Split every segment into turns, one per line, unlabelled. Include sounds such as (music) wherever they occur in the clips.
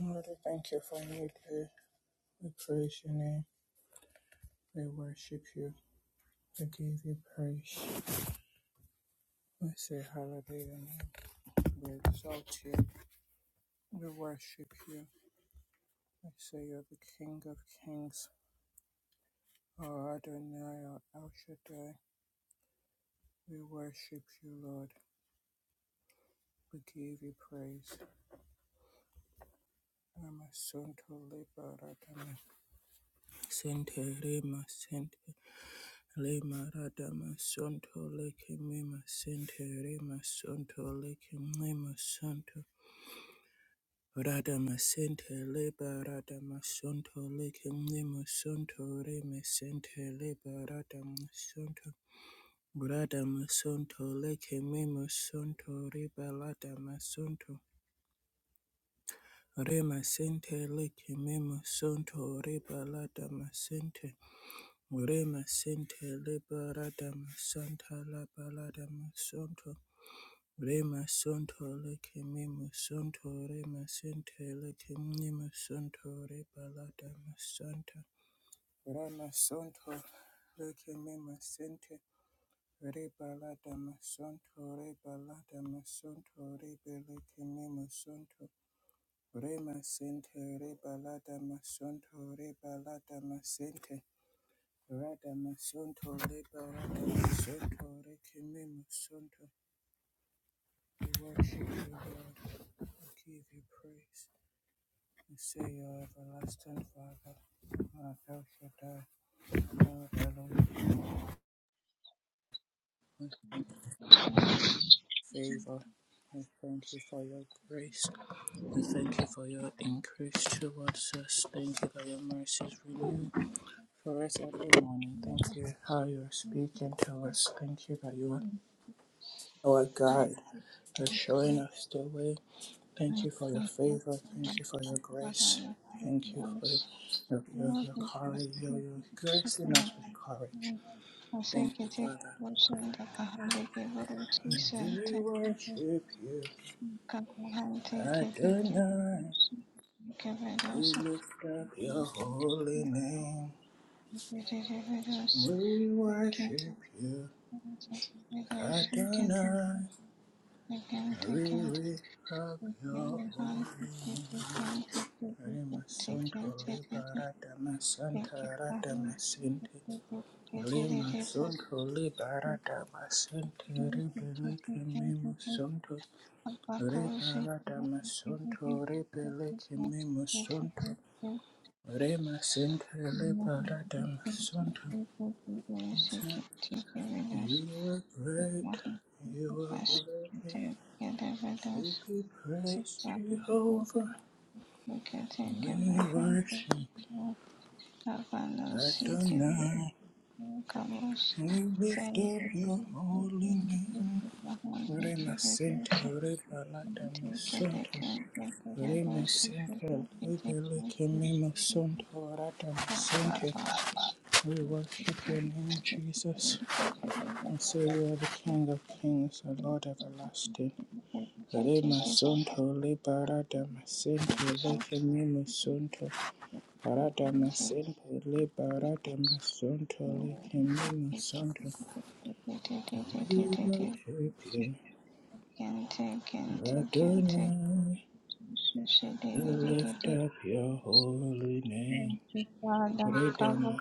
Lord, thank you for a new day. We praise your name. We worship you. We give you praise. We say hallelujah. We exalt you. We worship you. We say you're the King of kings. Our Adonai, our El Shaddai. We worship you, Lord. We give you praise. Amasunto liberatame. Sente rema Le marada masonto leke mema sente re masonto leke mema santo. Rada masente leba rada masonto leke mema santo re masente leba rada masonto. Rada masonto leke mema santo reba lada masonto. Re masente leke mema santo reba lada masente. Re masente leba rada masanta laba lada masonto. Rema Santo Lake Mimo Santo Rema Sente Lake Mimo Santo Rebalada Masanta Rama Santo Lake Mimo Sente Rebalada Masanto Rebalada Masanto Rebelake Mimo Santo Rema Sente Rebalada Masanto Rebalada Masente Rada Masanto Rebalada Masanto Reke Mimo Santo We worship you, Lord. We give you praise. We say your everlasting Father, our El Shaddai, our Elohim. We favor. We thank you for your grace. We thank you for your increase towards us. Thank you for your mercies renewed for us every morning. Thank you how you are speaking to us. Thank you that you are our guide. for showing us the way. Thank you for your favor. Thank you for your grace. Thank you for your, your, your, your courage, your, your grace and us with courage. Thank you, Father. And We worship you, Adonai. We lift up your holy name. We worship you, Adonai. We
Thank you.
lift up
Thank you.
your holy name. Rema Santo Libera Dama Santa Rada Masinti Lima Sunto Liberata Masente Rebeleke Mimo Sunto Liberata Masunto Rebeleke Mimo Sunto Rema Sente Liberata Masunto You are great, you are worthy to be praised, Jehovah.
Look at it, give
We
my hand, take
worship
it away. Havanosínteticados
Adonai, we lift up your holy name. Rema Center, Reba Lata Masonto, Rema Center, Libele Kene Masonto, Rata Masonto. We worship your name, Jesus, and say you are the King of Kings and Lord Everlasting. Rema Sonto, Leba Rata Masonto, Lekene Masonto, Rata Masonto, Leba Rata Masonto, Lekene Masonto. We worship you,
Gente, gente, gente.
Adonai. Lift up your holy name.
Thank you, Father. Cover us
Redama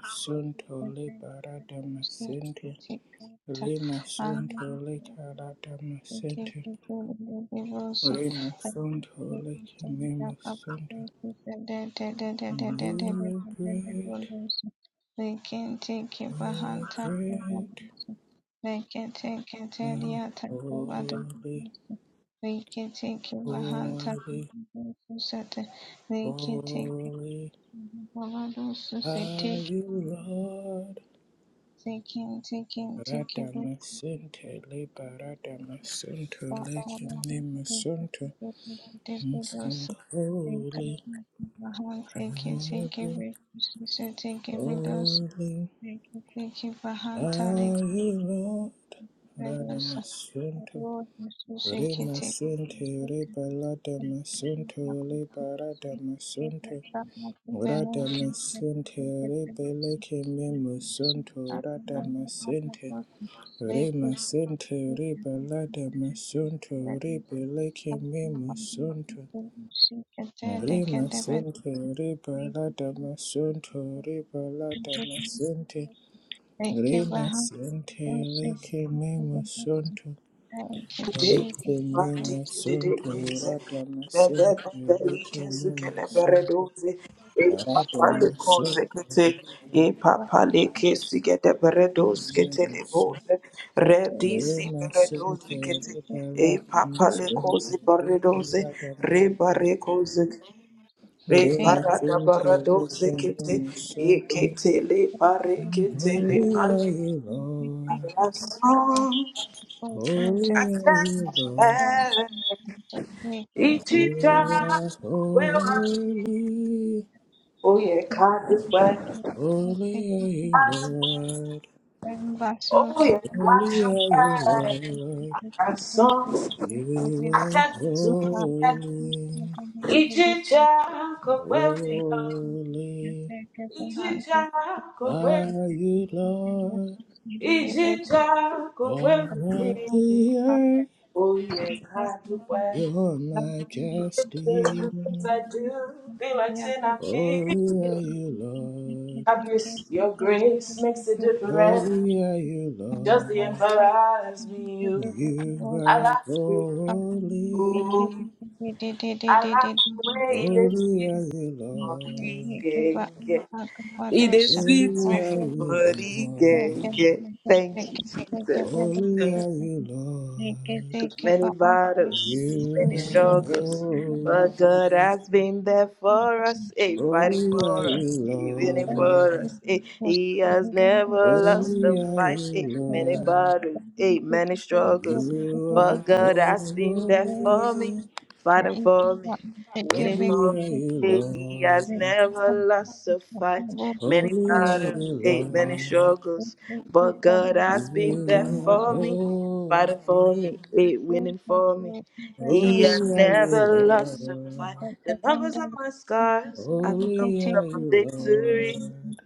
with
sunto
the
le
blood of
baradama
the Lamb.
sente.
Take out,
Lima
uh,
sunto
and
le karadama
they can
sente. Rima sunto le kimima sunto. You are great.
Take, it
You
behind
are
top of the
great.
bus. They can take, it to
And
the attack of other
holy,
bus. They can take, it behind top of
holy,
the bus. They can take, it behind the bus. They take, it. They can
holy. Are
take,
you Lord?
Taking, take, taking,
Radhamasente leba radhamasunto
Bahan teki teki
lekinemasunto
bedose teki
Sing
bedose teki
holy,
teki
holy, holy
bahan
are
teki
you Lord
bedose
Radhamasunto
ro bedose teki
Remasente reba radhamasunto leba radhamasunto Radhamasente reba lekinemasunto Radhamasente
bedose
Rima sente
Thank
riba lada
you,
masunto riba leke me masunto. Rima sente riba lada masunto riba lada masente. Rima sente leke me masunto.
Thank you.
Leke me masunto rada masente leke me masunto.
Jesus.
Rada
Thank you.
masunto riba leke me masunto. Rima Sinti Balagana Sunti Balagana Rima Sinti Lichimini Sunti Holy are you, Lord. Holy are you, Lord.
Ichita,
You are
where I you?
holy.
Oh yeah,
Thank
God
you,
is way.
Jesus. Oh,
Holy
Thank
are
you, thank
you,
you,
Lord.
Thank you, Em vaso
Oh
que
yeah, watch your
Holy are you,
way.
Lord.
I saw,
You
I
are
said to that.
holy.
Ichita, go where we go.
Holy
Ichita, go where.
are you, Lord.
Ichita, go
All of
where we be.
the earth,
Oh yeah, God is way.
you're my
The things
casting.
I do, they like
thank
sin I
you.
Holy are
feel.
you, Lord.
Thank
Obvious, your grace makes a difference.
Holy are you,
Just the
Lord.
emperor as me, you.
You
I like
are
you. Oh,
holy.
I like the way it is
Holy
sweet
are
me
you,
for body
Lord.
gang. yeah. It is sweet
Holy
me
are
for
you,
body
Lord.
gang. yeah. Thank you, Jesus.
Holy are you, Lord.
Cause many battles,
You
many
are
struggles,
holy.
but God has been there for us, eh, fighting
Holy are
for us,
you.
you,
eh, winning for
Lord.
Thank
us. Eh. He has never lost a
Holy are
fight.
you,
Eh. Many
Lord,
battles, eh, many
and
struggles,
you are
but God has been there
holy.
for me, fighting for me, winning
Holy
for
are
me.
you,
He
Lord,
has never lost a fight. Many
holy are
battles,
you,
eh, many
Lord,
struggles, but God has been
you
there
are
for me,
holy.
fighting for me, eh, winning for me. He has
Holy
you.
are you,
never
Thank
lost a
Lord,
fight. The numbers of my scars are the
holy
numbers
are
of my
you,
victory,
Lord,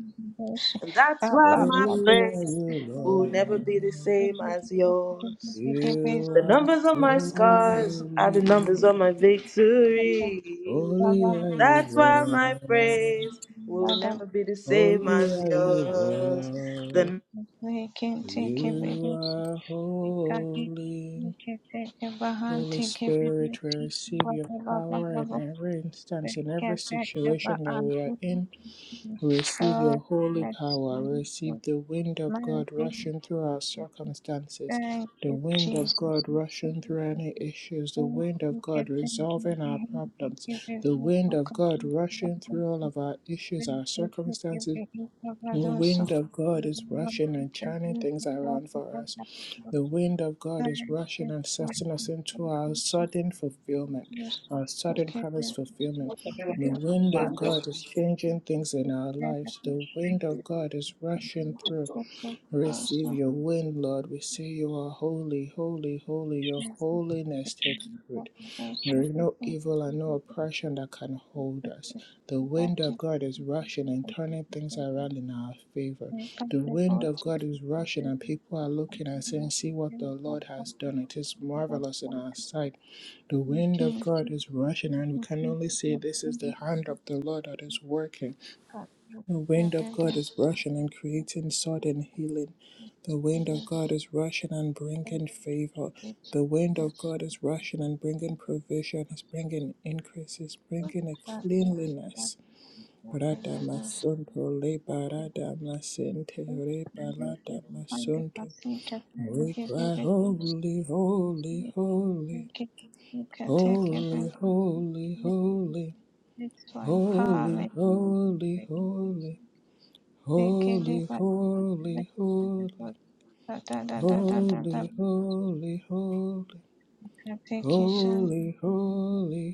and that's why my
holy
praise
are you,
will
Lord,
never be the same as yours.
you
The
are
numbers on my scars are
holy.
the numbers on my victory.
Holy are you,
That's why my
Lord.
praise will never be the same
Holy
as
are you,
yours.
Lord.
The
You are holy. Holy Spirit, we receive your power in
you.
every instance, in every
Gepächteber
situation that
and
we are in. We receive your holy power. We receive the wind of God
Thank
rushing through our circumstances. The
you,
wind of
Jesus.
God rushing through any issues, the
Thank
wind of
you, thank you,
God
thank you,
resolving our problems,
thank
the
you,
wind
for
of God
continuing to
rushing through all
us.
of our issues, our
Thank you, thank you,
circumstances,
thank you,
the
Babadoso.
wind of God is rushing and churning things around for us. The wind of God is
Thank
rushing
you,
and setting us into our
Jesus.
sudden fulfillment,
Yes,
our sudden
okay,
promise
then, so
fulfillment.
What thank everyone
The
you, is
wind
Lord
of God is changing things in our lives. The wind of God is rushing
to
through.
go forward with
Receive
so
your wind, Lord. We say you are holy, holy, holy. Your holiness takes root. There
so
is no evil and no oppression that can hold us. The
right
wind of God is rushing and turning things around in our favor. The wind of God is rushing, and people are looking and saying, See what the Lord has done. It is marvelous in our sight. The wind of God is rushing, and we can only say, This is the hand of the Lord that is working. The wind of God is rushing and creating sudden healing. The wind of God is rushing and bringing favor. The wind of God is rushing and bringing provision. Is bringing increase. Is bringing a cleanliness. Radamasunto le baradamasente re baladamasunto. We cry holy, holy, holy, holy, holy, holy,
It's for
holy,
Empowerment.
holy, holy.
They can live
Holy,
at
holy, holy,
the
holy, holy, holy,
application
holy, holy,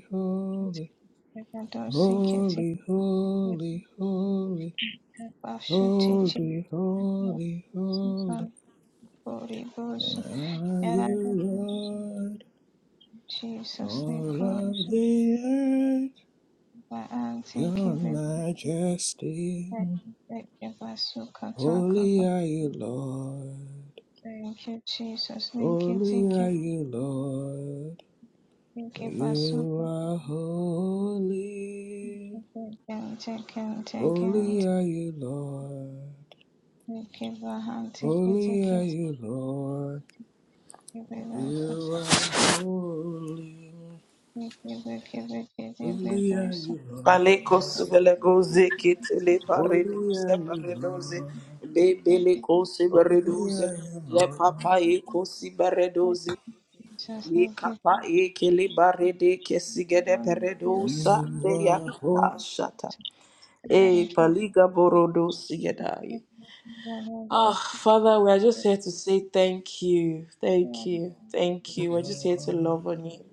holy,
Bragadosi Kitty
holy, holy, holy,
Bashutichi
holy, holy, holy.
Susan Boribus
Are you
Yaragabus
Lord,
Jesus
all
Nicholas
of the earth?
by Auntie
Your
Kibbe
majesty,
Basukataka
holy are you, Lord.
Thank you, Jesus. Linky
Holy
Tiki
are you, Lord.
Tiki Basuka
You are holy.
Taken Taken Taken
Holy are you, Lord.
Tiki Bahan Tiki
Holy are
Tiki
you, Lord.
Tiki Tiki
You are holy.
Thank
Holy are you,
Paleko
Lord.
subelego zekete
Holy are
paredoze
you,
paredoze
Lord.
le beleko
Holy
siberedoze
are you,
le
Lord.
papa eko siberedoze le kapa eke barede kesigede peredosa le
You are holy,
yakapa shata e paliga borodo sigedaye. Oh, Father, we're just here to say thank you, thank you, thank you. We're just here to
Lord.
love on you.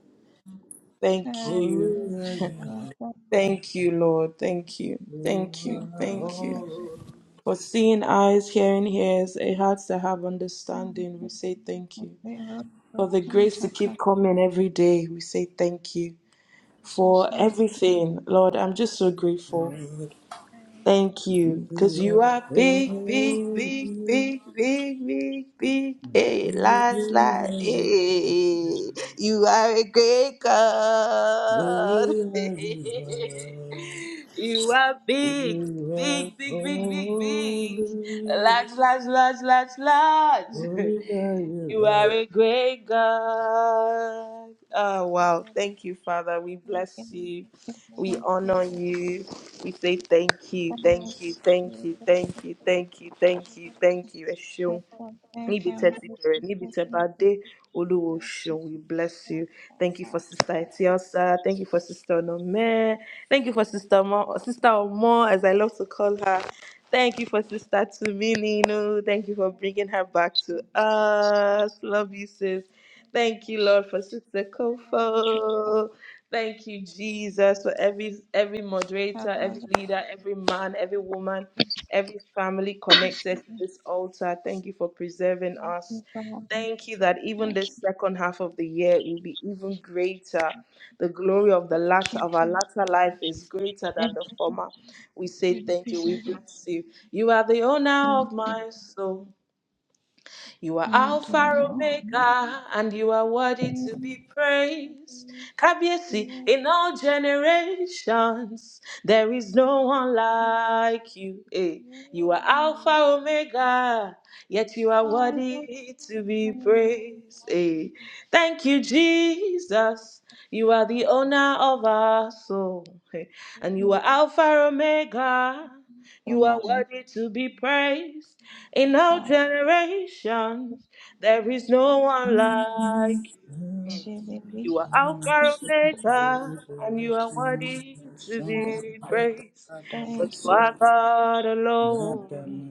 Thank you,
Holy are you, Lord.
thank you, Lord. Thank you,
You
thank you,
are
thank you.
holy,
For
you.
seeing eyes, hearing
Thank
ears, a heart that have understanding, we say thank you. For the grace to keep coming every day, we say thank you. For everything, Lord, I'm just so grateful. Thank
Lord.
you, because
You are
you are big, big, big,
holy.
big, big, big, big. Hey, last, last, hey, you are a great God. (laughs) you are big, big, big, big, big, big. Large, large, large, large, large. (laughs) You are a great God. Oh, wow. Thank you, Father. We bless you. We honor you. We say thank you, thank you, thank you, thank you, thank you, thank you,
you.
thank you. Eshun.
Thank
Níbi tẹ́ ti bẹ̀rẹ̀, níbi tẹ́ bá dé, Olúwa o ṣeun. we bless you. Thank you for Sister Etiosa. Thank you for Sister Onome. Thank you for Sister Mo, Sister Omo, as I love to call her. Thank you for Sister Tumini. Thank you for bringing her back to us. Love you, sis. Thank you, Lord, for Sister Kofo. Thank you, Jesus, for every every moderator, every leader, every man, every woman, every family connected to this altar. Thank you for preserving us. Thank you that even this second half of the year will be even greater. The glory of the latter of our latter life is greater than the former. We say thank you. We bless you. You are the owner of
you.
my soul. You are
Now to all things, all things, all
Alpha
things, all things, all
Omega, and you are
things,
worthy to be praised. Kabiesi, in all generations, there is no one like you. Eh, You are Alpha Omega, yet you are
all
worthy to be praised. Eh, Thank you, Jesus. You are the owner of our soul, Eh, and you are Alpha Omega.
things,
You are
all
worthy to be praised. In all generations, there is no one like you. Mm.
Thank
things.
You are Alpha Omega, and you are worthy to be praised. For you are God alone.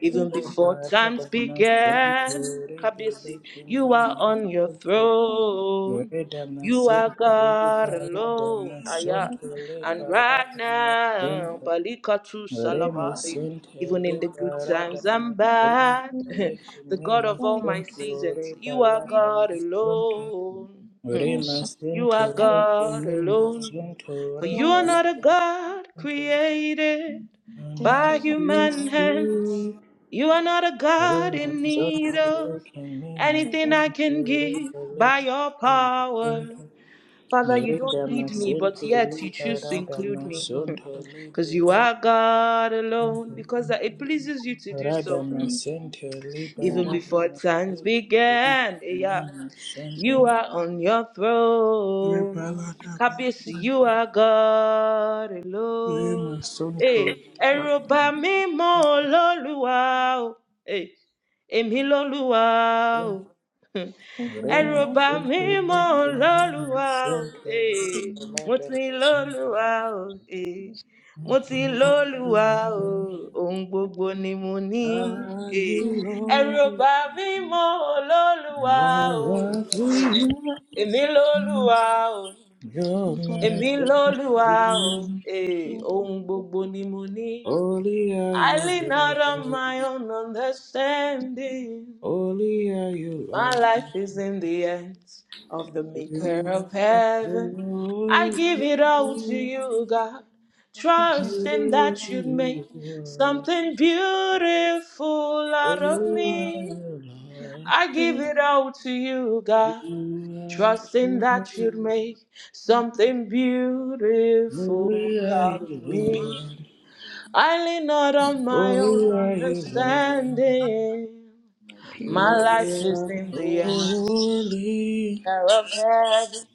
Even before times began, Kabisi, you are on your
you.
throne.
Reda
You are
Thank
masente
you.
God
libera da
alone.
I'm not
Aya.
sure
masonto
And
libera da
right now,
masonto
Balika True
re
Salabari
masente
even in the good
libera da
times
what
and
masonto
bad. (laughs)
re
the
kine
God of all my
masonto
seasons. You
libera
are
da
God
masonto
alone. Mm.
you're
re
You
masente
are
re
God
kine
alone.
masonto
For you are
libera
not a
da
God
masonto
created
ana
by
talking
human hands.
sweet
You are not a
re
God in need
masonto re
of
kine
anything I can give
masonto
by your power. Father, you don't
Merida
need me,
masente
but yet you
liba
choose to
rada
include me.
masonto
Because
libe
you are God alone,
masente
because it pleases you to do so.
rada
Hmm.
masente liba
even
rada
before times
masente
began.
no
Yeah.
masonto
You are on your
liba
throne.
rada
Kábíyèsí, you are God
masente
alone.
masonto
Hey,
liba
ẹ̀rù ò bà mí mọ́ olólùwà o. Hey, èmi lolúwa o. (laughs) Hmm.
re
ẹ̀rù ò bà mí
masente
mọ́
no
olólùwà o. Hey, mo ti lólúwa o. Hey, mo ti lólùwà o ohun gbogbo ni mo ní
are
Eh,
about.
you
ẹ̀rù ò
Lord?
bà
I'm going
mí mọ́ olólùwà o
All of
Eh,
to
you,
èmi lólùwà o
you're my
èmi lólùwà o
king.
Eh,
be a little
ohun
bit
gbogbo ni mo ní.
Only are
I
you
lean
Lord.
out on my own understanding.
Only are you
My
Lord.
life is in the hands of the maker
You
of
are
heaven. I
Lord.
give it
Only
all to
are
you, God, trusting
you
that you'd make
Lord.
more
Only are
something beautiful out of me.
you Lord. You are
I give it all to you, God, trusting
Lord.
that you'd make something
Only
beautiful
are you
out of me.
Lord.
I lean not on my
Only
own
are you Lord.
understanding.
You
My
are
life is in the end.
holy.
Father of heaven,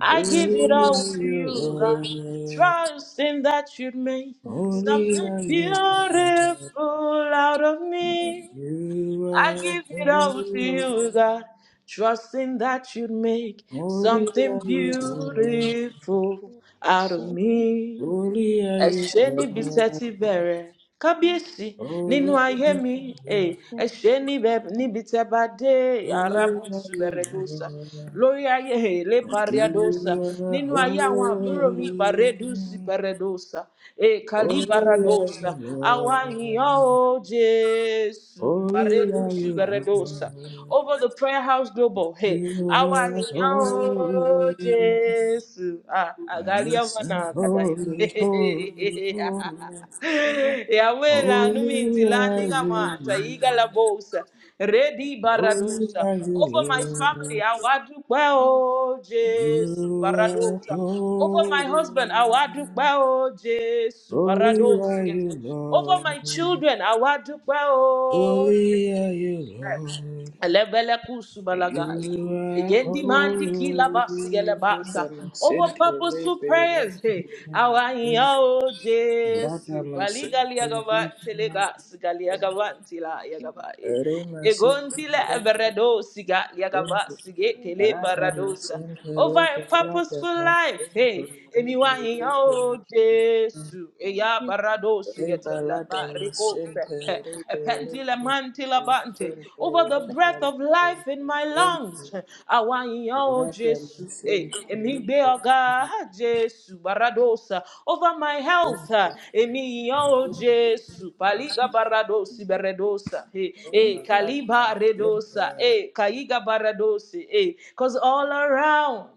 I give it
Only are
all to
you
you, God.
Lord.
Trusting that you'd make
Only
something
are you Lord.
beautiful out of me.
You
I
are
give it all to
holy,
you, God. Trusting that you'd make
holy
something
are you, Lord.
beautiful out of
careful.
me
Holy are you,
ẹṣẹ níbi tẹ
Lord.
ti bẹrẹ
Like, like the
kábíyèsí nínú
Holy are
film
ayé
you,
mi eh,
Lord.
ẹṣẹ
people like
níbẹ- níbi tẹ bá dé
Holy
arabu
are you,
suberedosa
Lord.
lórí ayé eh, lé
sometimes
You
pariadosa
are
nínú ayé àwọn
holy,
àbúrò mi paredu siperedosa
of
holy are
kalibaradosa
you,
àwa
Lord.
yìnyán o jésù
Holy
paredu
are you,
suberedosa
Lord.
over the prayer house global hey,
You
àwa
are
yìnyán Oh
holy.
Jesus, Ah, angalia
Yes, and
mwana dada ya.
holy, holy, holy.
(laughs) Yawela
Holy
numinti
are
landinga
you,
mata
Lord.
iga la bosa ready
Holy
baradosa
are you,
over my family I
Lord.
awadukwe
the
Oh
people who
Jesus,
You are
baradosa over my husband I
holy.
awadukwe
Thank
o Jesu
Holy
baradosa
are you,
over
Lord.
my children I awadukwe Oh
Holy are you,
Jesus.
Lord.
Lebele kusubalagai.
You are
Yendi mandi kila basi gele
holy.
basa.
Brother
Over
Masente,
purposeful
Rebe, Rebe,
prayers, hey, awa yao
Brother
Jesu, bali gali
Masente,
agava
Rebe,
telega, sigali agavanti la yagava.
Rema
Egontile
Sente,
beredosiga
Blowing
yagabasige kele baradosa. Over a purposeful life, hey, anyone in oh Jesu, eya baradosiga tela barikose, epentile mantila bante. Over the breath of life in my lungs, awa in oh Jesu, eh,
you.
emigbe oga Jesu
Jesus.
baradosa. Over my health health. uh, Emi oh Jesu. Paliga baradosi beredosa. Eh, eh, kaliba redosa. Eh, kaiga baradosi. Eh, cause all around.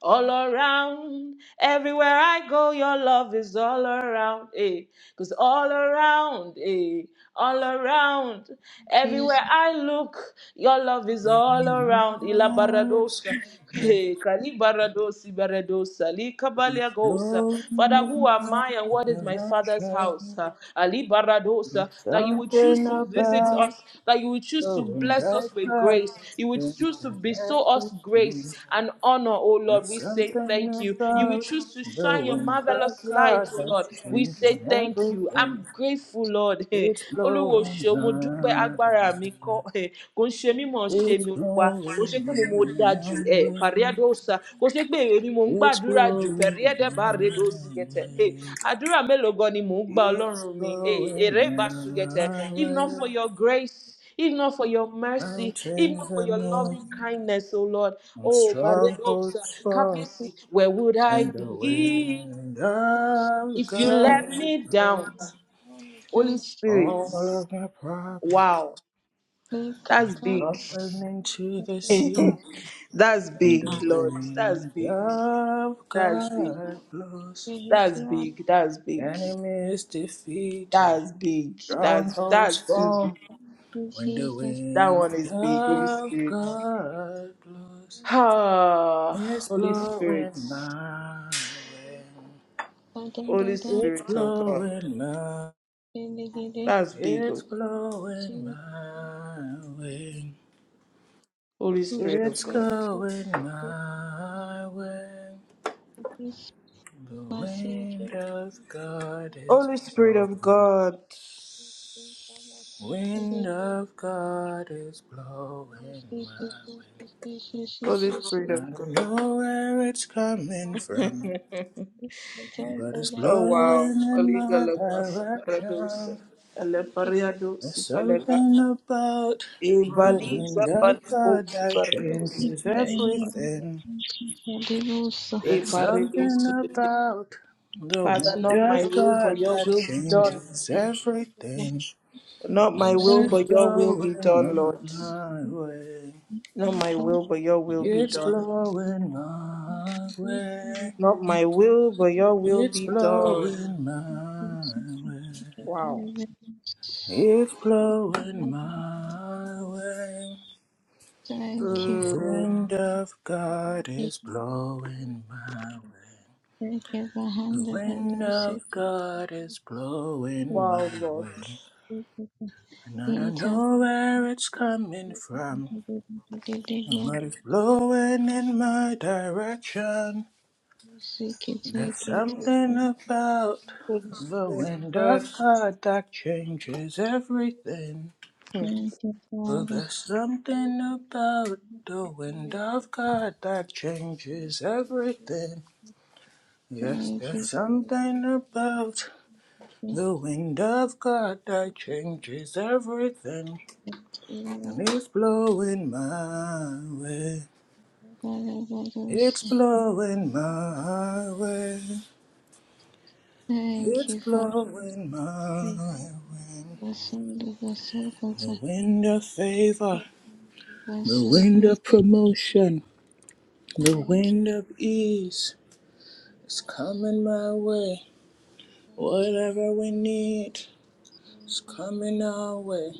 All around, everywhere I go, your love is all around, eh? Cause all around, eh? all around. Everywhere I look, your love is all around. Ila baradosa, eh, kali baradosi baradosa, li kabalia gosa. Father, who
in
am
my
I and what is my father's house?
direction.
Ah, Ali baradosa,
There's
that you would
something
choose to visit
about
us, that you would choose to
So and
bless
I
us with
thought
grace. You would
things
choose to
and
bestow us
everything.
grace and honor, oh
There's
Lord. We say thank
something
you. You will
about
choose to shine your
knowing that
marvelous
God
light, oh Lord.
that's
We say
changing
thank Thank you. I'm
everything.
grateful, Lord. (laughs) Eh,
It's
Olúwo
blowing
ṣeun, mo dúpẹ́
my
agbára mi
way.
kọ́. (laughs) eh, Kò ń ṣe mí mọ̀ ń ṣe
It's
mi olúwa. Kò
blowing
ṣe pé mi mo da
my
jù. eh,
way.
Pàríádóòsà. Kò ṣe pé èrè ni mò ń
It's
gbàdúrà jù.
blowing my
Pẹ̀ríẹ́dẹ́bàrèdòsígẹ̀tẹ̀. Eh,
way.
Àdúrà mélòó gan ni mò ń gba
It's
Ọlọ́run mi? Eh, Èrè
blowing
ìbásùgẹ̀tẹ̀.
my
If not
way.
for your grace. If not for your mercy, if not
Mountains
for
are
your
moving,
loving kindness, O Lord, oh Paredosa,
strongholds fall.
Kabisi, where would I
When the
be
wind of
if you
God
let me down?
blows
Holy Spirit.
all of my problems
Wow. That's big.
up and into the sea.
(laughs) That's
When
big,
the
Lord. That's
wind
big.
of
That's big.
God blows,
That's big. That's big.
enemy is defeated,
That's big. That's
strongholds
that's too
fall.
big.
When
She
the
says
That
wind
one is big. Holy
of
Spirit.
God blows,
Ah,
it's
Holy
blowing
Spirit.
my way.
Holy
It's
Spirit of God.
blowing my
That's big.
It's
oh.
blowing my way.
Holy Spirit of
It's
God.
going my way. The wind of God is
Holy Spirit of
blowing.
God.
Wind of God is blowing my
Holy Spirit
way.
of
I don't know where it's coming from,
God. (laughs)
but it's
Oh wow,
blowing in
Oliga
my
Labas Paradosa,
direction.
Alepariado
There's
Sipalega,
something about the wind
Evaliza
of
Palico
God that
Sibarados,
changes everything.
E
There's something
Parados.
about the
Father,
Thank
not my
winter's
will, but
God
your
that
will be done.
changes
you.
everything.
Not my will,
Also,
It's
but your will be
blowing
done, Lord.
my
the
way.
Not my
program
will, but your will be
It's
done.
blowing my
will be
way.
Not my will, but your will
It's
be done.
blowing my
concentrated
way.
on
Wow.
evidence.
It's blowing my way.
Thank you
The
for
Uh,
wind of God is
giving the
blowing my way.
thank you for
The
handling
wind
those
of God is blowing
wow,
my
Lord.
way. And I don't know where it's coming from,
interchangeable
but it's blowing in my direction.
security
There's something about
Holy
the
Spirit,
wind
God.
of God that changes everything.
Hmm.
and
Oh,
father.
there's something about the wind of God that changes everything. Yes,
Thank
there's
you.
something about
Thank
the wind of God that changes everything. And it's blowing my way. It's blowing my way. It's
you for
blowing my
the
way.
lesson, the vessel, God's
The wind of favor, the
vessel,
wind
and
of promotion, the
thank you
wind of ease is
for
coming my way. Whatever we need is
Jesus,
coming our way.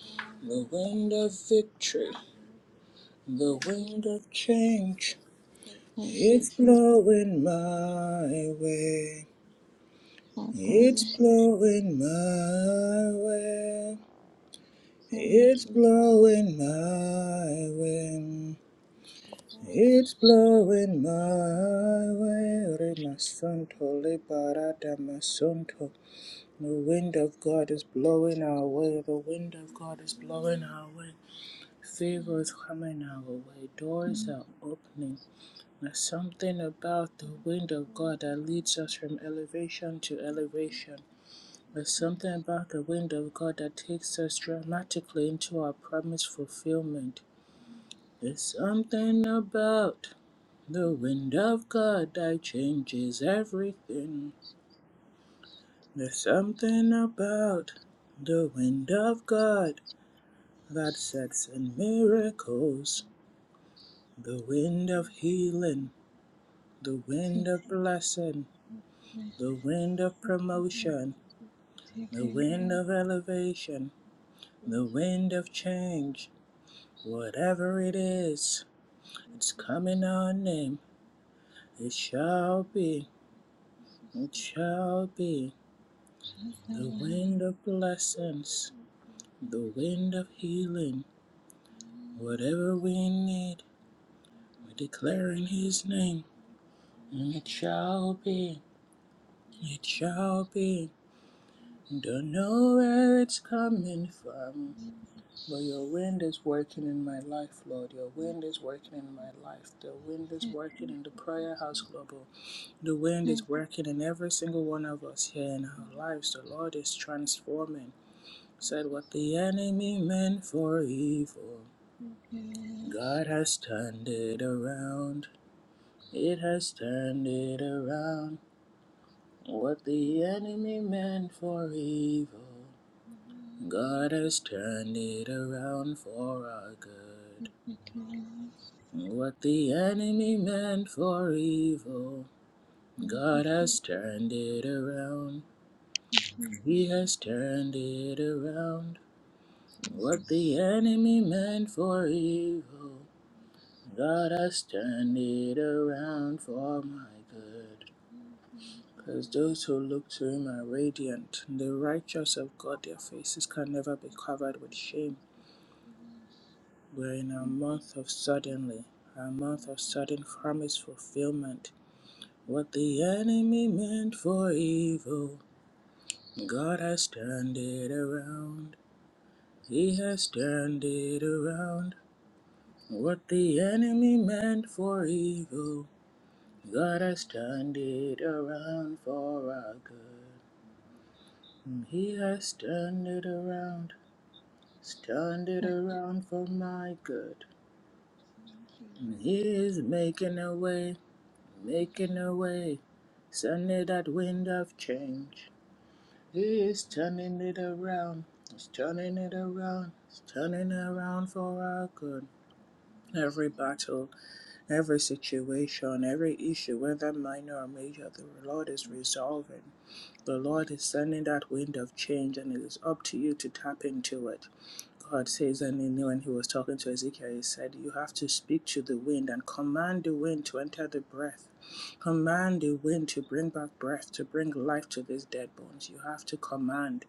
Father,
The wind of victory, the wind of change,
you for
it's
seeking
blowing my way. It's blowing my way.
Thank
It's
you, Father. thank
blowing my way.
you, Father.
It's blowing my way. Remasunto, liberata masunto. The wind of God is blowing our way. The wind of God is blowing
Hallelujah.
our way. Favor
Mm.
is coming our way. Doors
Thank
are opening. There's something about the
you,
wind of
thank
God that leads us from elevation to elevation. There's something about the wind of God that takes us dramatically into our promised fulfillment.
Thank
There's something about the wind of God that changes everything. There's something about the wind of God that sets in miracles. The wind of healing, the wind of blessing, the wind of promotion, the wind of elevation, the wind of change. Whatever it is, it's coming in our name. It shall be. It shall be the wind of blessings, the wind of healing, whatever we need, we declare in His name. And it shall be, it shall be. Don't know where it's coming from, but your wind is working in my life, Lord. Your wind is working in my life. The wind is working in the Prayer House Global. The wind is working in every single one of us here in our
you.
lives. The Lord is transforming.
Progenitors
Said what the enemy meant for evil,
look after
God has turned
their
it around. It has turned it around. What the enemy meant for evil, God
cystic
has turned it around for our good.
epitheliomas
What the enemy meant for evil,
and
God has
develop
turned it around. He has
cystic
turned it around. What
diseases,
the enemy meant for evil. God has turned it around for my good.
identified
Because
by
those who look to him are radiant. The righteous of God, their faces can never be
cognitive
covered with shame.
evidence,
We're in a month of suddenly,
including
a month of
frontal
sudden
lobe
promise fulfillment. What the enemy meant for evil, God has turned it around. He has turned it around. What the enemy meant for evil. God has turned it around for our good. Mm, He has turned it around, He's turned it around for my good. Mm,
ventricular
He is making a way, making
injury,
a way, sending that wind of change. He is
progressive
turning it around, He's turning it
pulmonary
around, He's turning it around for our good. Every
embolism,
battle, every situation, every issue, whether minor or major, the Lord is resolving. The
peripheral
Lord is sending that wind of change, and it is up to you to tap into it. God
vascular
says, and he knew when he was talking to Ezekiel, he said, You have to speak to the wind and command the wind to enter the breath. Command the wind to bring back breath, to bring life to these dead bones. You have to command.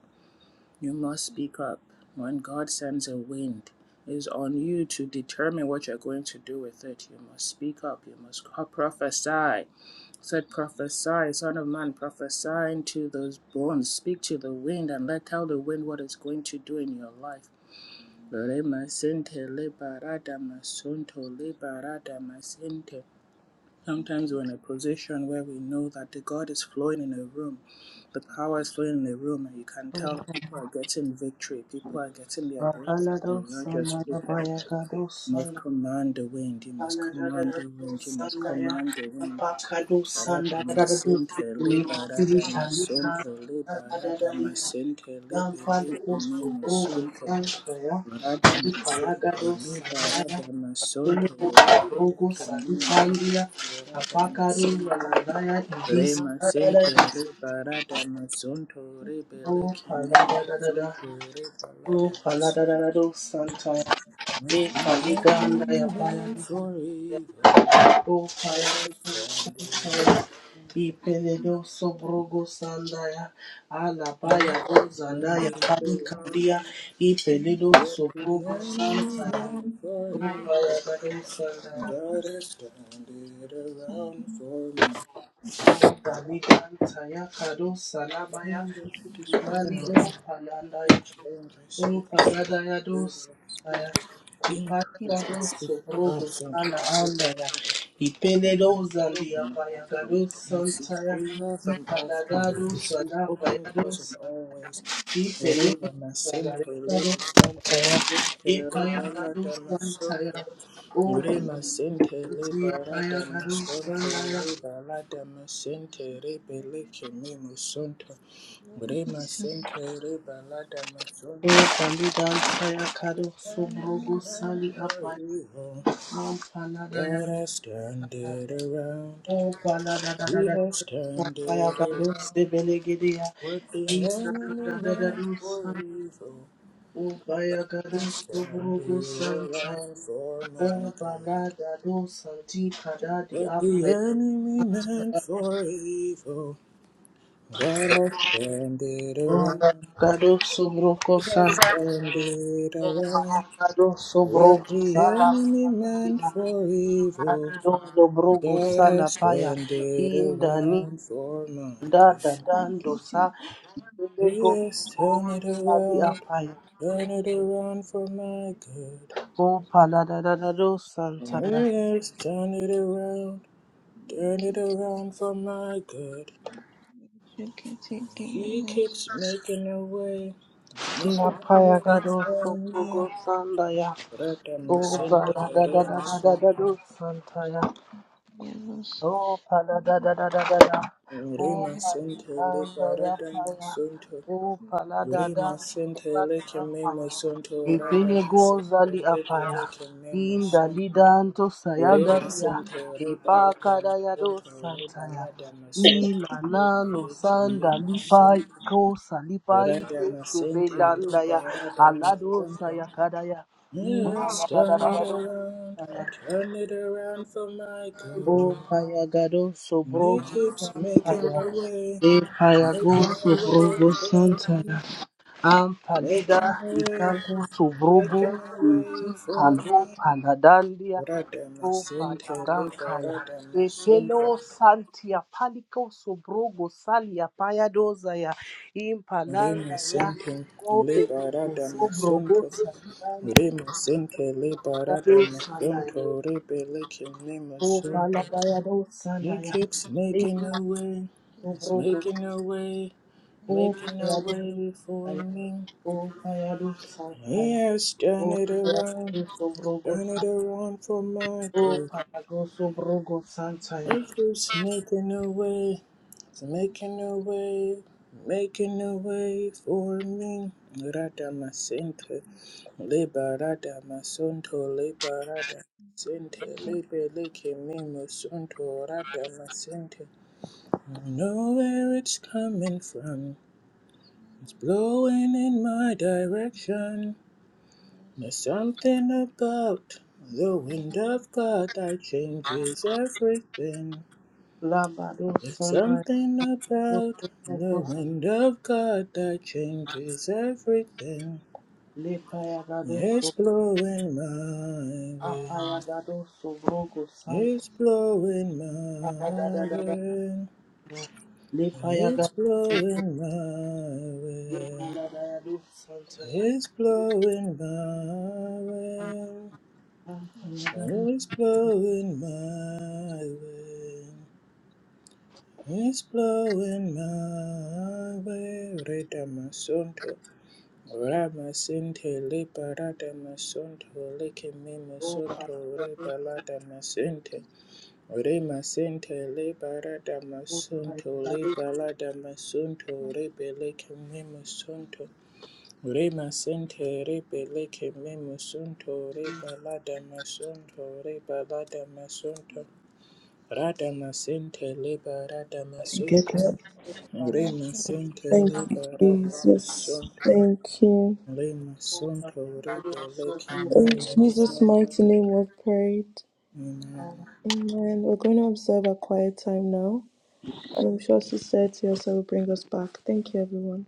You must
Pacific
speak up. When God sends a wind, it is on you to determine what you're going to do with it. You must speak up. You must prophesy said, Prophesy, Son of Man, prophesy into those bones, speak to the wind, and let tell the wind what it's going to do in your life. Sometimes we're in a position where we know that the God is flowing in a room, the power is flowing in a room, and you can
Oh,
tell that people are getting victory, people are getting their breakthrough, but
Palada,
you're just looking. You must command the wind, you must command the wind, you must command the wind. Barada masentele, barada masontele, barada masentele, beleke me masonto. Barada masentele, barada masontele, beleke me masonto. Barada masento, re masentele, barada masonto, re beleke me masonto, re
oh,
barada masonto.
Palada, Santa, Ikaliganda ya paya uka ya
Forever, forever,
kusaya
forever.
ipeledo sobrogo sandaya ala paya
Yes,
gozanda
and
ya
it belongs
palikandia ipeledo
what the
sobrogo
enemy
santaya
meant for
uka ya
evil.
gado sandaya
God has turned it around for
uka liganta ya kado salabaya
my
ibali
good.
uka landaya
speak, Lord, I speak some
Impalagados,
favor, I speak increase, I
Ipalagados,
speak
Rogo,
mercy unto
Sana,
the children of
Andaya,
God.
Ipeledos, and the
And
Apayagados,
I see
Santaya,
favor from all sides. We
Ipalagados,
see
and
open doors in
Apayados,
all
Santaya,
ways.
Ipeledos,
Reba
and
masente
Aragados,
lebe lada
Santaya,
masente reba lada
Ipayagados,
masonto.
Santaya, O
Reba masente leba
Patia,
lada
Bayagados,
masonto.
Santaya,
Reba lada masente rebe leke mimo Brema Center, Rebalada
O
Mazondo,
Palidan, Sayakados,
enemy
Rogo,
meant
Sali,
for
Apay,
evil.
Ampanadaya.
God has turned it around.
Oh, Father, da, da, da,
He
da,
has
da,
turned
Fire,
it
Gadu,
around.
Sebele, Gedea.
What the
E, da,
enemy
da, da, da, da,
meant
do,
for
San.
evil
Oh, Fire, Gadu,
has turned
Soboro, Go,
it
San, San.
around for my
Oh, Bala,
good.
da, do, Santi, Kada, di,
What the
Apaya.
enemy meant for evil, God has turned it
Oh, Fire,
around.
Gadu, Soboro, Go,
He
San.
has turned it
Oh,
around.
Fire, Gadu, Soboro,
What
Go,
the
Sala,
enemy
Bala,
meant
Gadina.
for evil,
Adido, Soboro, Go,
God
Sala,
has
Paya.
turned it
In the name,
around for my
da, da,
good.
dan, do, sa. Sebele, Go,
He has
Soboro,
turned
Go,
it
Sali,
around,
Apaya.
turned it around for my good.
O Paladadado
And
Santaya,
He has turned it around, turned it around for my good. He keeps making a way, he's making a way
Napayagado
for
Sopogo
me.
Sandaya,
Rata
O
masente, rema sente,
Paladadadado
Thank
Santaya, Oh, pala
you.
da da da da da da. Oh,
rema
Yeah.
pali
sente,
kanda ya
liberata
paya. Oh, pala da
Rima
da
sente
kifali
leke memo
apaya.
sonto rada
Ipele
masente
gozali
leke
apaya.
leke memo
Inda
sonto.
lidanto
Rima
sayagaria.
sente reba
Ipaka
lada
da ya do
masonto reba
santaya.
lada masonto
Ila
lebe
nano
leke
sanda
memo
lipa
sonto.
iko salipa
Rada
ibe
masente
sebelanda
leba
ya.
rada
Alado
masonto.
sayakada ya. Inda
Yes,
la da da
turn
da
it
da
around,
do.
turn it around for my good.
O payagado
He
sobrogo
keeps making
santaya.
a way,
E payago
making a way
sobrogo
for me.
santaya. Ampadida
Making a way,
ikaku sobrogo
making a
inti
way for
kando
me.
panadandia.
Radama
O
Sente
payagankaya.
Liberadama
E
Sunto
pelo santia paliko sobrogo salia payadozaya.
Rima
Impalanda ya.
Sente
O pelugo
Liberadama
sobrogo
Sunto
salia.
Rima Sente
payado
Liberadama
sanaya.
Sunto Rebellion Nima
O
Sunto
paladayado
He
sandaya.
keeps
E
making a way, he's
Obrogo,
making a way,
O
making a
Payado
way for
Saya,
me.
O Payado
He
Santaya,
has turned
O
it around,
Payado Sobrogo,
turned it around for my
O
good.
Payago Sobrogo Santaya,
Maker's making a way, it's making a way, making a way for me. Rada masente, leba rada masonto, leba rada masente, lebe leke me masonto, rada masente. I know where it's coming from, it's blowing in my direction. There's something about the wind of God that changes everything.
Labado
There's
Sandaya,
something about the wind of God that changes everything.
Le Payagado,
It's blowing my way.
Apayagado Sobrogo Santa,
It's blowing my
Payagada,
way.
Le
It's
Payagado,
blowing my
Le
way.
Payagado Santaya,
It's blowing my way.
Apayagado,
It's blowing my way. It's blowing my way. Rita Masunto. Ramasente le parada masonto le keme
O
masonto re
Payagado,
masente. Re masente
O
masonto le balada masonto
Thank
re bele masonto. Re masente re bele masonto re balada masonto re balada masonto. Rada masente le parada
Get
masonto.
up.
Re masente
Thank
le
you,
parada
Jesus.
masonto.
Thank you.
Lima Sunto
Payagado,
Rebe Lake
Santaya,
In
Lima
Jesus'
Sunto.
mighty name we've prayed.
Amen.
you.
Amen. We're going to observe a quiet time now. And I'm sure Sister Tiosa will bring us back. Thank you, everyone.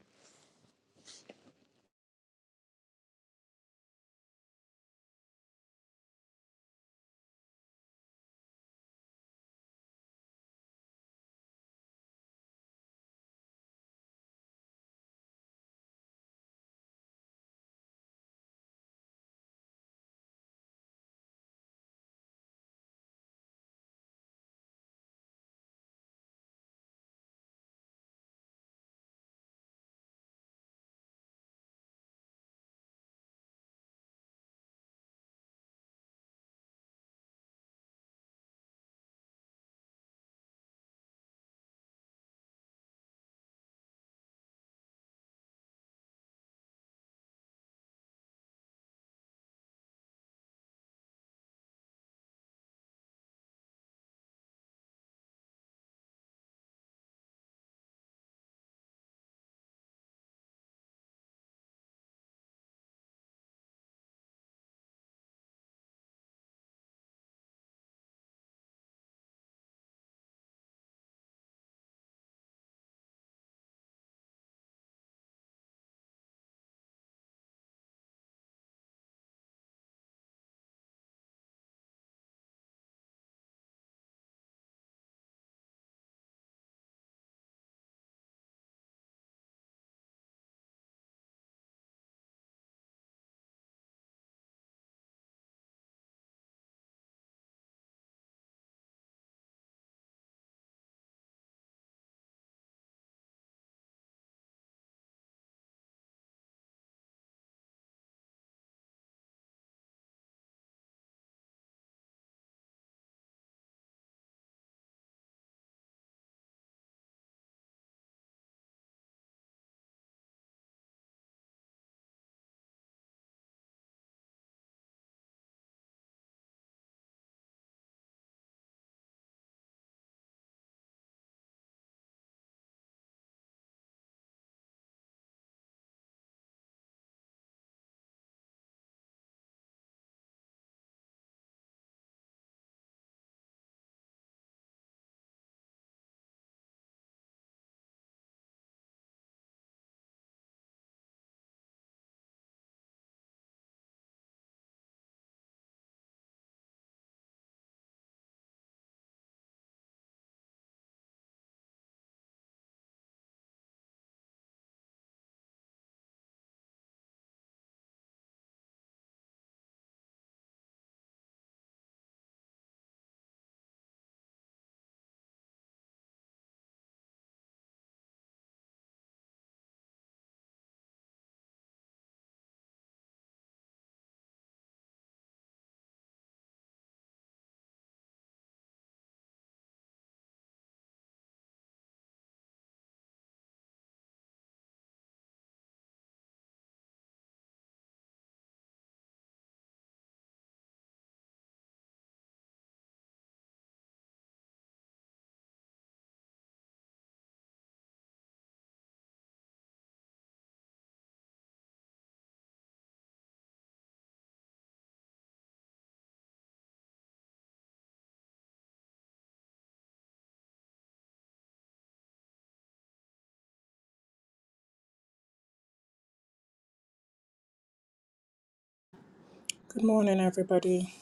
Good morning, everybody.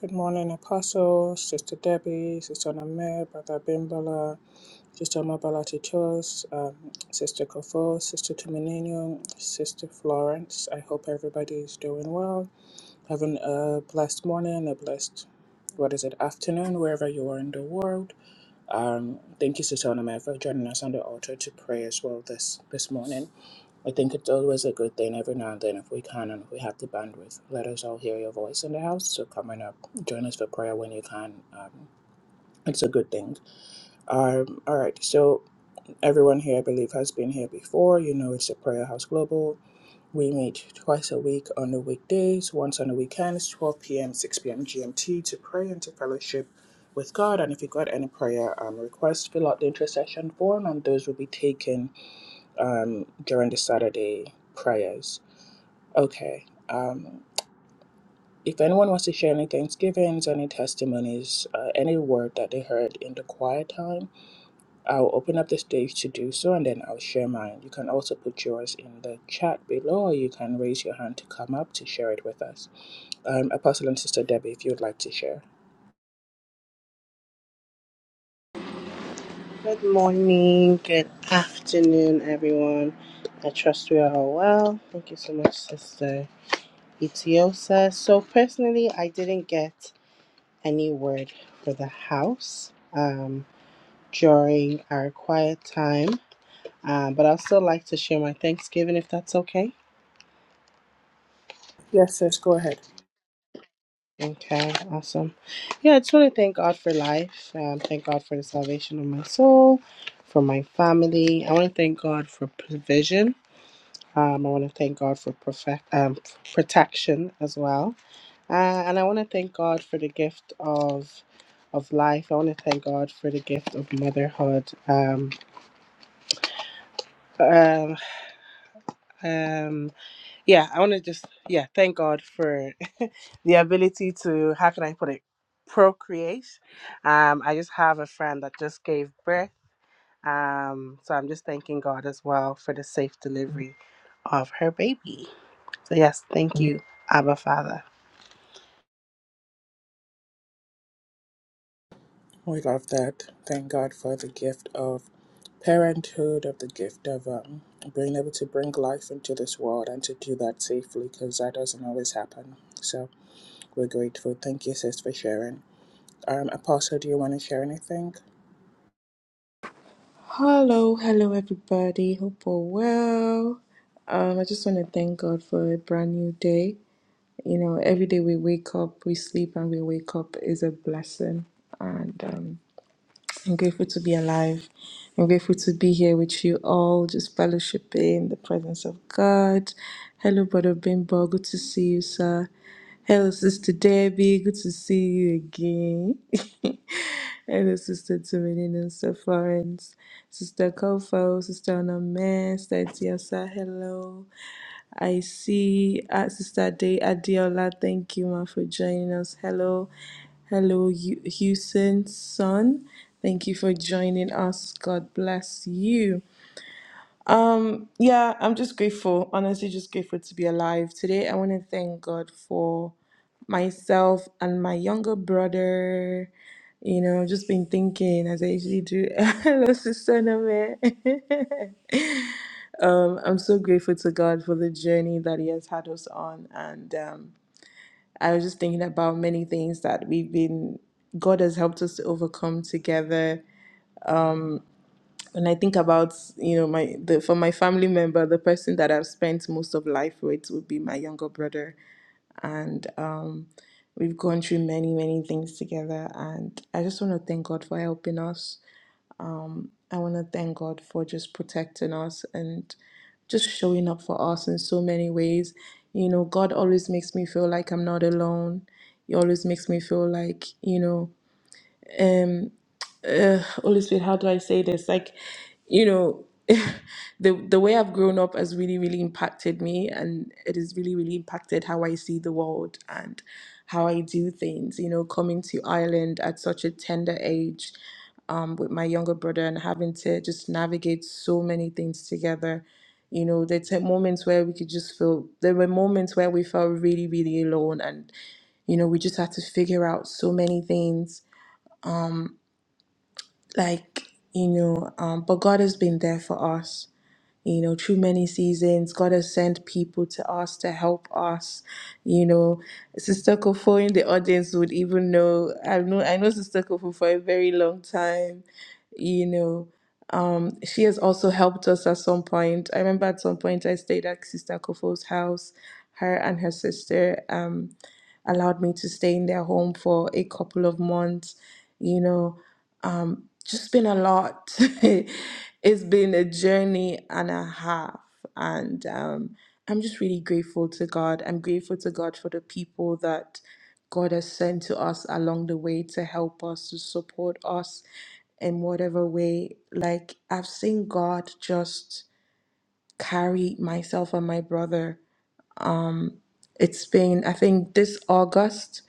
Good morning, Apostle, Sister Debbie, Sister Namir, Brother Bimbala, Sister Mabalati Chos, um, Sister Kofo, Sister Tuminino, Sister Florence. I hope everybody is doing well, having a blessed morning, a blessed, what is it, afternoon, wherever you are in the world. Um, thank you, Sister Namir, for joining us on the altar to pray as well this, this morning. I think it's always a good thing every now and then if we can and if we have the bandwidth, let us all hear your voice in the house. So coming up, join us for prayer when you can. Um, it's a good thing. Um, all right, so everyone here, I believe, has been here before. You know, it's a Prayer House Global. We meet twice a week on the weekdays, once on the weekends, 12 p.m., 6 p.m. GMT to pray and to fellowship with God. And if you've got any prayer um, requests, fill out the intercession form, and those will be taken um, during the Saturday prayers. Okay. Um, if anyone wants to share any thanksgivings, any testimonies, uh, any word that they heard in the quiet time, I'll open up the stage to do so and then I'll share mine. You can also put yours in the chat below or you can raise your hand to come up to share it with us. Um, Apostle and Sister Debbie, if you would like to share.
Good morning, good afternoon, everyone. I trust we are all well. Thank you so much, Sister Itiosa. So, personally, I didn't get any word for the house um, during our quiet time, uh, but I'll still like to share my Thanksgiving if that's okay.
Yes, sis, go ahead.
Okay, awesome. Yeah, I just want to thank God for life. Um, thank God for the salvation of my soul, for my family. I want to thank God for provision Um, I want to thank God for perfect, um, protection as well. Uh, and I want to thank God for the gift of of life. I want to thank God for the gift of motherhood. Um, um, um, yeah, I want to just, yeah, thank God for (laughs) the ability to, how can I put it, procreate. Um, I just have a friend that just gave birth. Um, so I'm just thanking God as well for the safe delivery of her baby. So, yes, thank you, Abba Father.
We love that. Thank God for the gift of parenthood, of the gift of um, being able to bring life into this world and to do that safely because that doesn't always happen. So, We're grateful. Thank you, sis, for sharing. Um, Apostle, do you want to share anything?
Hello, hello, everybody. Hope all well. Um, I just want to thank God for a brand new day. You know, every day we wake up, we sleep, and we wake up is a blessing. And um, I'm grateful to be alive. I'm grateful to be here with you all, just fellowshipping in the presence of God. Hello, Brother Bimbo. Good to see you, sir. Hello, Sister Debbie. Good to see you again. (laughs) Hello, Sister Tumenino, Sister Florence, Sister Kofo, Sister Onome, Sister Tiosa. Hello. I see uh, Sister Day Adiola. Thank you, ma, for joining us. Hello, hello, Hu- Houston son. Thank you for joining us. God bless you. Um, yeah, I'm just grateful. Honestly, just grateful to be alive today. I want to thank God for myself and my younger brother. You know, just been thinking as I usually do. (laughs) Hello, Sister Nome. (laughs) Um, I'm so grateful to God for the journey that He has had us on. And um, I was just thinking about many things that we've been, God has helped us to overcome together. And I think about, you know, my the for my family member, the person that I've spent most of life with would be my younger brother. And um, we've gone through many, many things together. And I just want to thank God for helping us. I want to thank God for just protecting us and just showing up for us in so many ways. You know, God always makes me feel like I'm not alone. He always makes me feel like, you know, um uh, Holy Spirit, how do I say this? Like, you know, (laughs) the the way I've grown up has really, really impacted me, and it has really, really impacted how I see the world and how I do things. You know, coming to Ireland at such a tender age, um, with my younger brother, and having to just navigate so many things together. You know, there were moments where we could just feel. There were moments where we felt really, really alone, and you know, we just had to figure out so many things Um, like you know um but god has been there for us you know through many seasons god has sent people to us to help us you know sister kofo in the audience would even know i know i know sister kofo for a very long time you know um she has also helped us at some point i remember at some point i stayed at sister kofo's house her and her sister um allowed me to stay in their home for a couple of months you know um, just been a lot. (laughs) it's been a journey and a half, and um, I'm just really grateful to God. I'm grateful to God for the people that God has sent to us along the way to help us, to support us in whatever way. Like, I've seen God just carry myself and my brother. Um, It's been, I think, this August.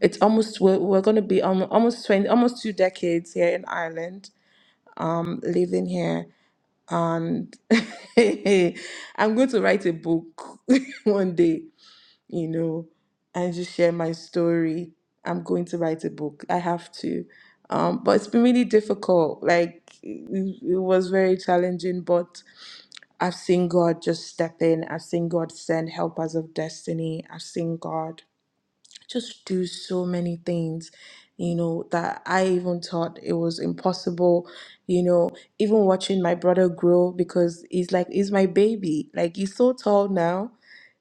It's almost we're, we're going to be um, almost twenty, almost two decades here in Ireland um, living here and (laughs) i'm going to write a book (laughs) one day you know and just share my story i'm going to write a book i have to um, but it's been really difficult like it, it was very challenging but i've seen god just step in i've seen god send helpers of destiny i've seen god just do so many things, you know, that I even thought it was impossible, you know, even watching my brother grow because he's like, he's my baby. Like, he's so tall now,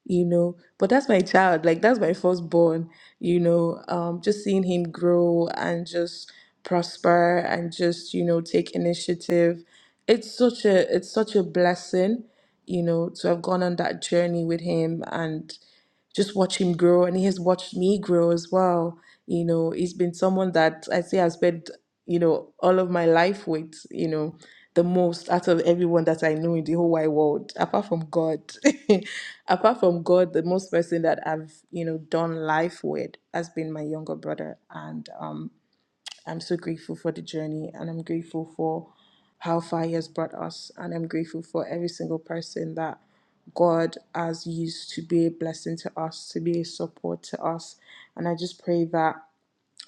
you know, but that's my child. Like, that's my firstborn, you know, um, just seeing him grow and just prosper and just, you know, take initiative. It's such a, it's such a blessing you know, to have gone on that journey with him. and just watch him grow and he has watched me grow as well you know he's been someone that i say i spent you know all of my life with you know the most out of everyone that i know in the whole wide world apart from god (laughs) apart from god the most person that i've you know done life with has been my younger brother and um I'm so grateful for the journey and I'm grateful for how far He has brought us. And I'm grateful for every single person that God has used to be a blessing to us, to be a support to us. And I just pray that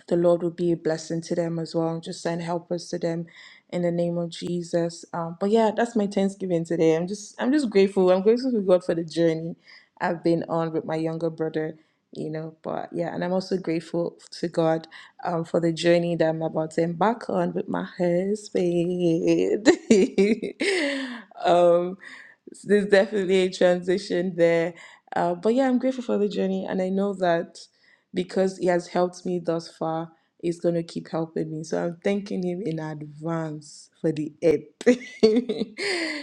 the Lord will be a blessing to them as well. Just send helpers to them in the name of Jesus. Um, but yeah, that's my Thanksgiving today. I'm just I'm just grateful. I'm grateful to God for the journey I've been on with my younger brother. You know, but yeah, and I'm also grateful to God um, for the journey that I'm about to embark on with my husband. (laughs) um, there's definitely a transition there, uh, but yeah, I'm grateful for the journey, and I know that because he has helped me thus far, he's going to keep helping me. So I'm thanking him in advance for the app.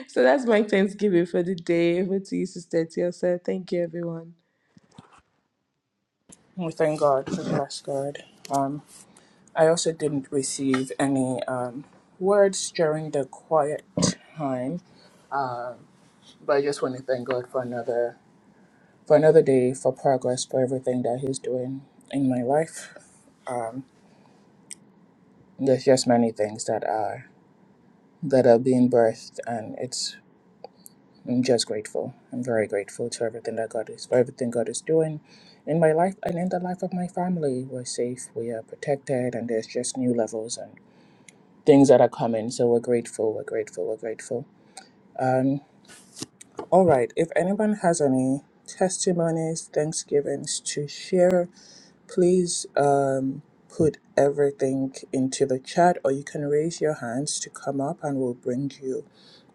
(laughs) so that's my Thanksgiving for the day. Over to you, Sister Tiosa. Thank you, everyone.
We thank God. for bless God. Um, I also didn't receive any um, words during the quiet time, um, but I just want to thank God for another for another day, for progress, for everything that He's doing in my life. Um, there's just many things that are that are being birthed, and it's I'm just grateful. I'm very grateful to everything that God is, for everything God is doing in my life and in the life of my family. We're safe, we are protected, and there's just new levels and things that are coming. So we're grateful, we're grateful, we're grateful. Um, all right, if anyone has any testimonies, thanksgivings to share, please um, put everything into the chat or you can raise your hands to come up and we'll bring you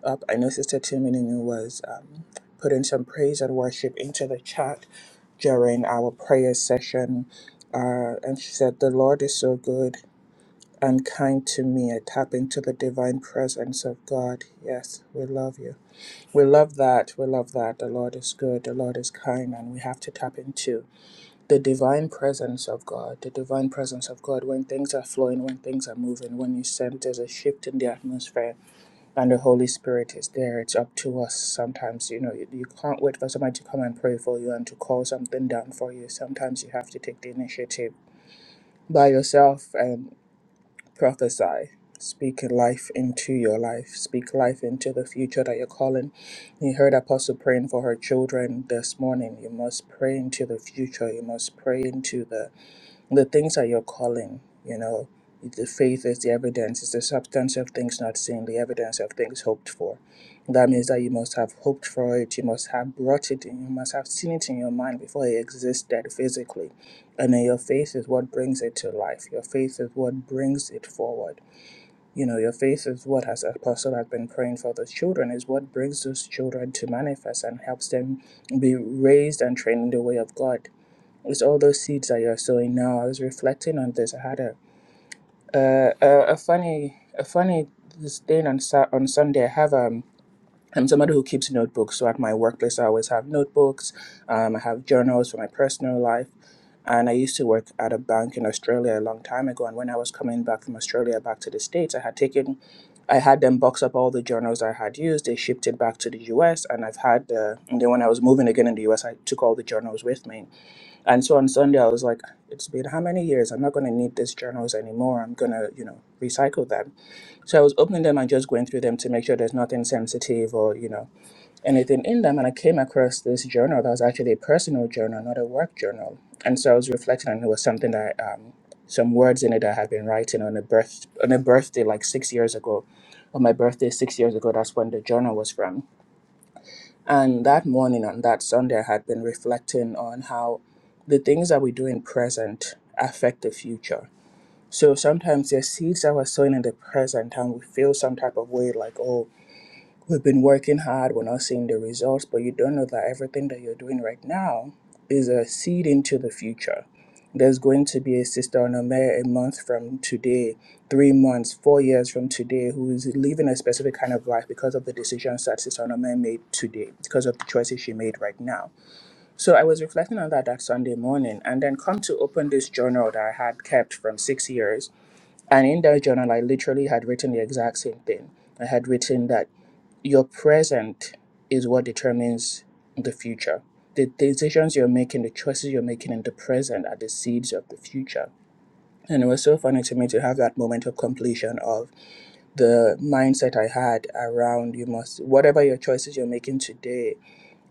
up. I know Sister Timini was um, putting some praise and worship into the chat during our prayer session. Uh, and she said, The Lord is so good and kind to me. I tap into the divine presence of God. Yes, we love you. We love that. We love that. The Lord is good. The Lord is kind. And we have to tap into the divine presence of God. The divine presence of God when things are flowing, when things are moving, when you sense there's a shift in the atmosphere and the Holy Spirit is there. It's up to us. Sometimes, you know, you, you can't wait for somebody to come and pray for you and to call something down for you. Sometimes you have to take the initiative by yourself and prophesy. Speak life into your life. Speak life into the future that you're calling. You heard Apostle praying for her children this morning. You must pray into the future. You must pray into the the things are your calling you know the faith is the evidence it's the substance of things not seen the evidence of things hoped for that means that you must have hoped for it you must have brought it in you must have seen it in your mind before it existed physically and then your faith is what brings it to life your faith is what brings it forward you know your faith is what as apostle has been praying for the children is what brings those children to manifest and helps them be raised and trained in the way of god it's all those seeds that you're sowing now. I was reflecting on this. I had a uh, a, a funny a funny this thing on Sa- on Sunday. I have um I'm somebody who keeps notebooks. So at my workplace, I always have notebooks. Um, I have journals for my personal life. And I used to work at a bank in Australia a long time ago. And when I was coming back from Australia back to the States, I had taken, I had them box up all the journals I had used. They shipped it back to the US. And I've had, uh, and then when I was moving again in the US, I took all the journals with me and so on Sunday, I was like, it's been how many years? I'm not going to need these journals anymore. I'm going to, you know, recycle them. So I was opening them and just going through them to make sure there's nothing sensitive or, you know, anything in them. And I came across this journal that was actually a personal journal, not a work journal. And so I was reflecting, and it was something that, um, some words in it that I had been writing on a birth on a birthday like six years ago. On my birthday six years ago, that's when the journal was from and that morning on that Sunday, I had been reflecting on how the things that we do in present affect the future. So sometimes there's seeds that we're sowing in the present and we feel some type of way like, oh, We've been working hard, we're not seeing the results, but you don't know that everything that you're doing right now is a seed into the future. There's going to be a sister on a mayor a month from today, three months, four years from today, who is living a specific kind of life because of the decisions that Sister Onome made today, because of the choices she made right now. So I was reflecting on that that Sunday morning, and then come to open this journal that I had kept from six years. And in that journal, I literally had written the exact same thing. I had written that your present is what determines the future. The decisions you're making, the choices you're making in the present are the seeds of the future. And it was so funny to me to have that moment of completion of the mindset I had around you must, whatever your choices you're making today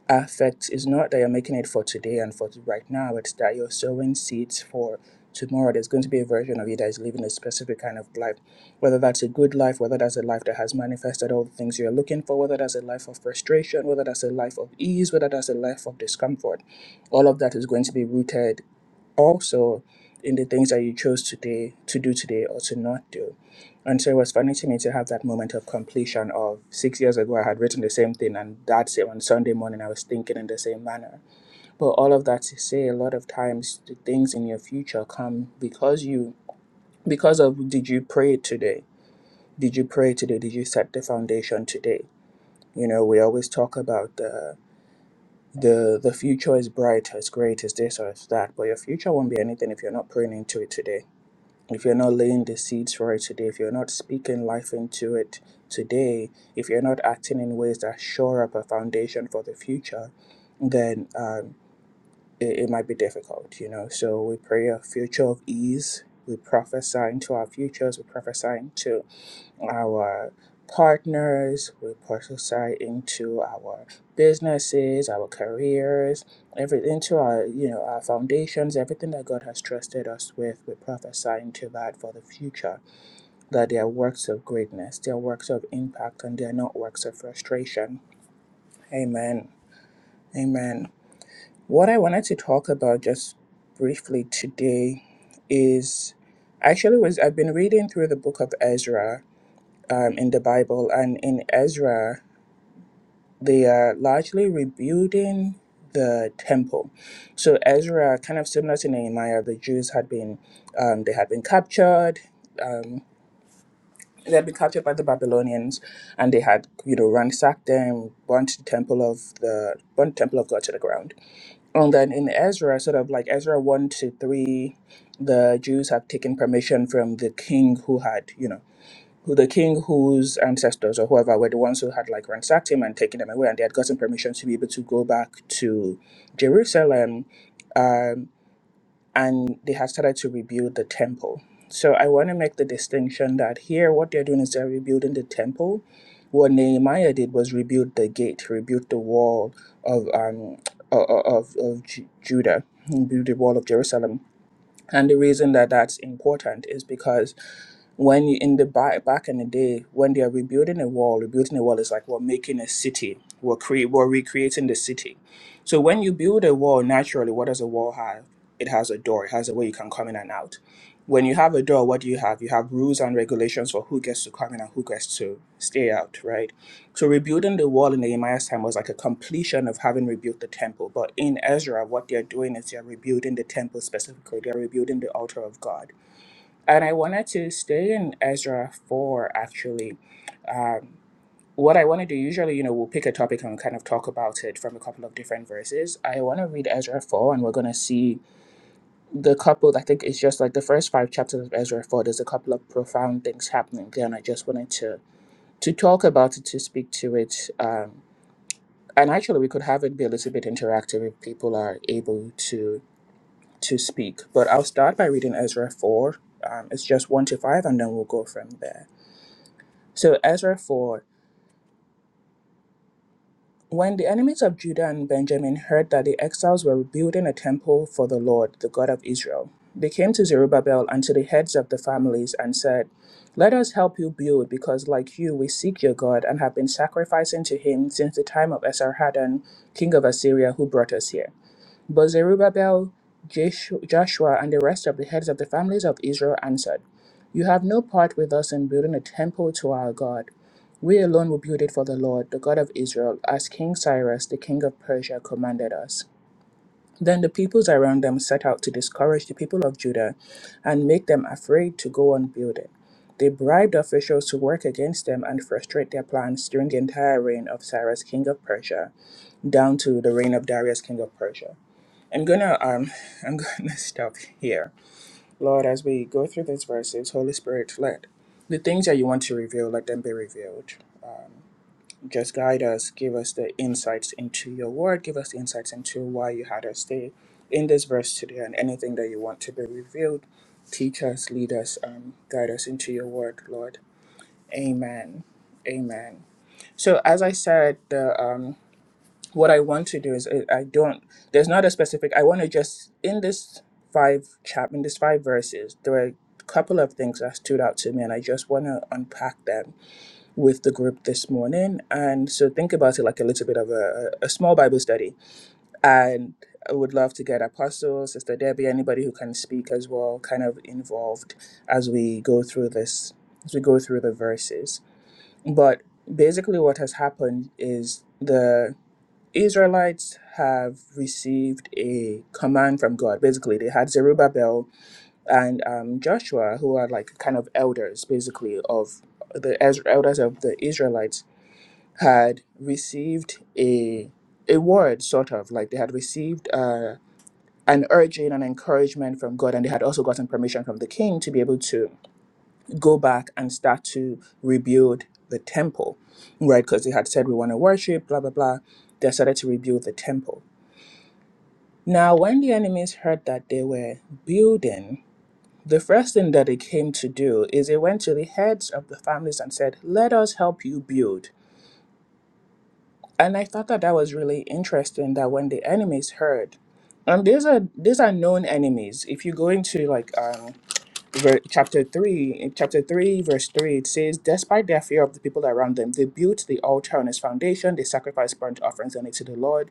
affect is not that you're making it for today and for right now, it's that you're sowing seeds for tomorrow. There's going to be a version of you that is living a specific kind of life, whether that's a good life, whether that's a life that has manifested all the things you're looking for, whether that's a life of frustration, whether that's a life of ease, whether that's a life of discomfort. All of that is going to be rooted also in the things that you chose today to do today or to not do. And so it was funny to me to have that moment of completion of six years ago, I had written the same thing, and that same on Sunday morning, I was thinking in the same manner. But all of that to say, a lot of times the things in your future come because you, because of did you pray today? Did you pray today? Did you set the foundation today? You know, we always talk about the the the future is bright, it's great, it's this or it's that, but your future won't be anything if you're not praying into it today if you're not laying the seeds for it today, if you're not speaking life into it today, if you're not acting in ways that shore up a foundation for the future, then um, it, it might be difficult, you know. So we pray a future of ease. We prophesy into our futures. We prophesy into our partners, we prophesy into our businesses, our careers, every into our you know our foundations, everything that God has trusted us with, we prophesy into that for the future. That they are works of greatness, they are works of impact, and they are not works of frustration. Amen. Amen. What I wanted to talk about just briefly today is actually was I've been reading through the book of Ezra um, in the Bible and in Ezra, they are largely rebuilding the temple. So Ezra, kind of similar to Nehemiah, the Jews had been um, they had been captured. Um, they had been captured by the Babylonians, and they had you know ransacked them, burnt the temple of the burnt the temple of God to the ground. And then in Ezra, sort of like Ezra one to three, the Jews have taken permission from the king who had you know who the king whose ancestors or whoever were the ones who had like ransacked him and taken him away and they had gotten permission to be able to go back to jerusalem um, and they had started to rebuild the temple so i want to make the distinction that here what they're doing is they're rebuilding the temple what nehemiah did was rebuild the gate rebuild the wall of um o- o- of, of Ju- judah rebuild the wall of jerusalem and the reason that that's important is because when you, in the back back in the day when they are rebuilding a wall rebuilding a wall is like we're making a city we're cre- we're recreating the city so when you build a wall naturally what does a wall have it has a door it has a way you can come in and out when you have a door what do you have you have rules and regulations for who gets to come in and who gets to stay out right so rebuilding the wall in nehemiah's time was like a completion of having rebuilt the temple but in ezra what they're doing is they're rebuilding the temple specifically they're rebuilding the altar of god and I wanted to stay in Ezra 4, actually. Um, what I want to do, usually, you know, we'll pick a topic and kind of talk about it from a couple of different verses. I want to read Ezra 4, and we're going to see the couple, I think it's just like the first five chapters of Ezra 4, there's a couple of profound things happening there, and I just wanted to, to talk about it, to speak to it. Um, and actually, we could have it be a little bit interactive if people are able to to speak. But I'll start by reading Ezra 4. Um, it's just 1 to 5, and then we'll go from there. So Ezra 4 When the enemies of Judah and Benjamin heard that the exiles were building a temple for the Lord, the God of Israel, they came to Zerubbabel and to the heads of the families and said, Let us help you build, because like you, we seek your God and have been sacrificing to him since the time of Esarhaddon, king of Assyria, who brought us here. But Zerubbabel, Jesh- Joshua, and the rest of the heads of the families of Israel answered, You have no part with us in building a temple to our God. We alone will build it for the Lord, the God of Israel, as King Cyrus, the king of Persia, commanded us. Then the peoples around them set out to discourage the people of Judah and make them afraid to go on building. They bribed officials to work against them and frustrate their plans during the entire reign of Cyrus, king of Persia, down to the reign of Darius, king of Persia. I'm gonna um I'm gonna (laughs) stop here. Lord, as we go through these verses, Holy Spirit led. The things that you want to reveal, let them be revealed. Just guide us, give us the insights into your word, give us the insights into why you had us stay in this verse today and anything that you want to be revealed. Teach us, lead us, um, guide us into your word, Lord. Amen. Amen. So as I said, the um what I want to do is uh, I don't there's not a specific I want to just in this five chap in this five verses there are a couple of things that stood out to me and I just want to unpack them with the group this morning and so think about it like a little bit of a, a small Bible study and I would love to get Apostle Sister Debbie anybody who can speak as well kind of involved as we go through this as we go through the verses but basically what has happened is the. Israelites have received a command from God. Basically, they had Zerubbabel and um, Joshua, who are like kind of elders, basically, of the as- elders of the Israelites, had received a a word, sort of like they had received uh, an urging and encouragement from God, and they had also gotten permission from the king to be able to go back and start to rebuild the temple, right? Because they had said, We want to worship, blah, blah, blah. They started to rebuild the temple Now, when the enemies heard that they were building, the first thing that they came to do is they went to the heads of the families and said, Let us help you build. And I thought that that was really interesting that when the enemies heard, and these are these are known enemies. If you go into like um, ver- chapter three, in chapter three, verse three, it says, "Despite their fear of the people around them, they built the altar on its foundation. They sacrificed burnt offerings on it to the Lord."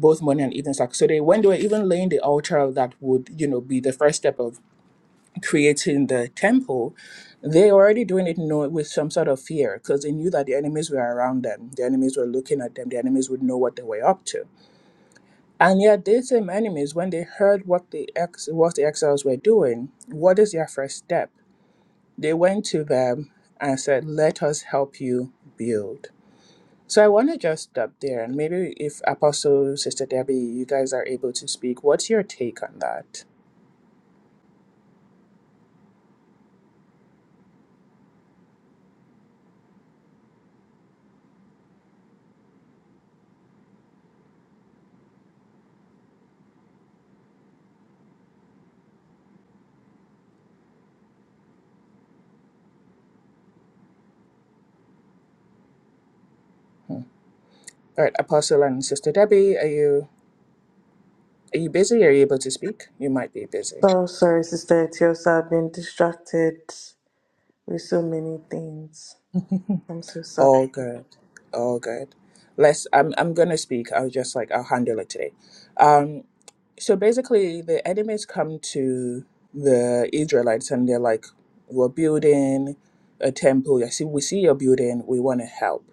both morning and evening sacrifice. So they, when they were even laying the altar that would, you know, be the first step of creating the temple, they were already doing it, you know, with some sort of fear because they knew that the enemies were around them. The enemies were looking at them. The enemies would know what they were up to. And yet, these same enemies, when they heard what the ex, what the exiles were doing, what is their first step? They went to them and said, "Let us help you build." So I want to just stop there, and maybe if Apostle Sister Debbie, you guys are able to speak, what's your take on that? Hmm. All right, Apostle and Sister Debbie, are you are you busy? Are you able to speak? You might be busy.
So sorry, Sister Etiosa. I've been distracted with so many things.
(laughs)
I'm so sorry.
All good. All good. Let's I'm I'm gonna speak. I'll just like I'll handle it today. Um so basically the enemies come to the Israelites and they're like, We're building a temple. I see we see your building, we wanna help.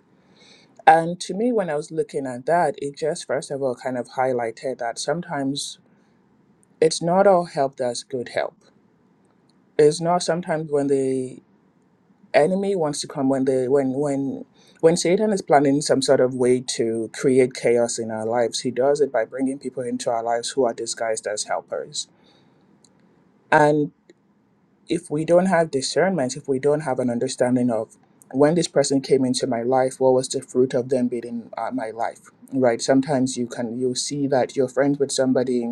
And to me when I was looking at that, it just first of all kind of highlighted that sometimes it's not all help that's good help. it's not sometimes when the enemy wants to come when the when when when satan is planning some sort of way to create chaos in our lives he does it by bringing people into our lives who are disguised as helpers and if we don't have discernment if we don't have an understanding of when this person came into my life what was the fruit of them being in uh, my life right sometimes you can you see that you're friends with somebody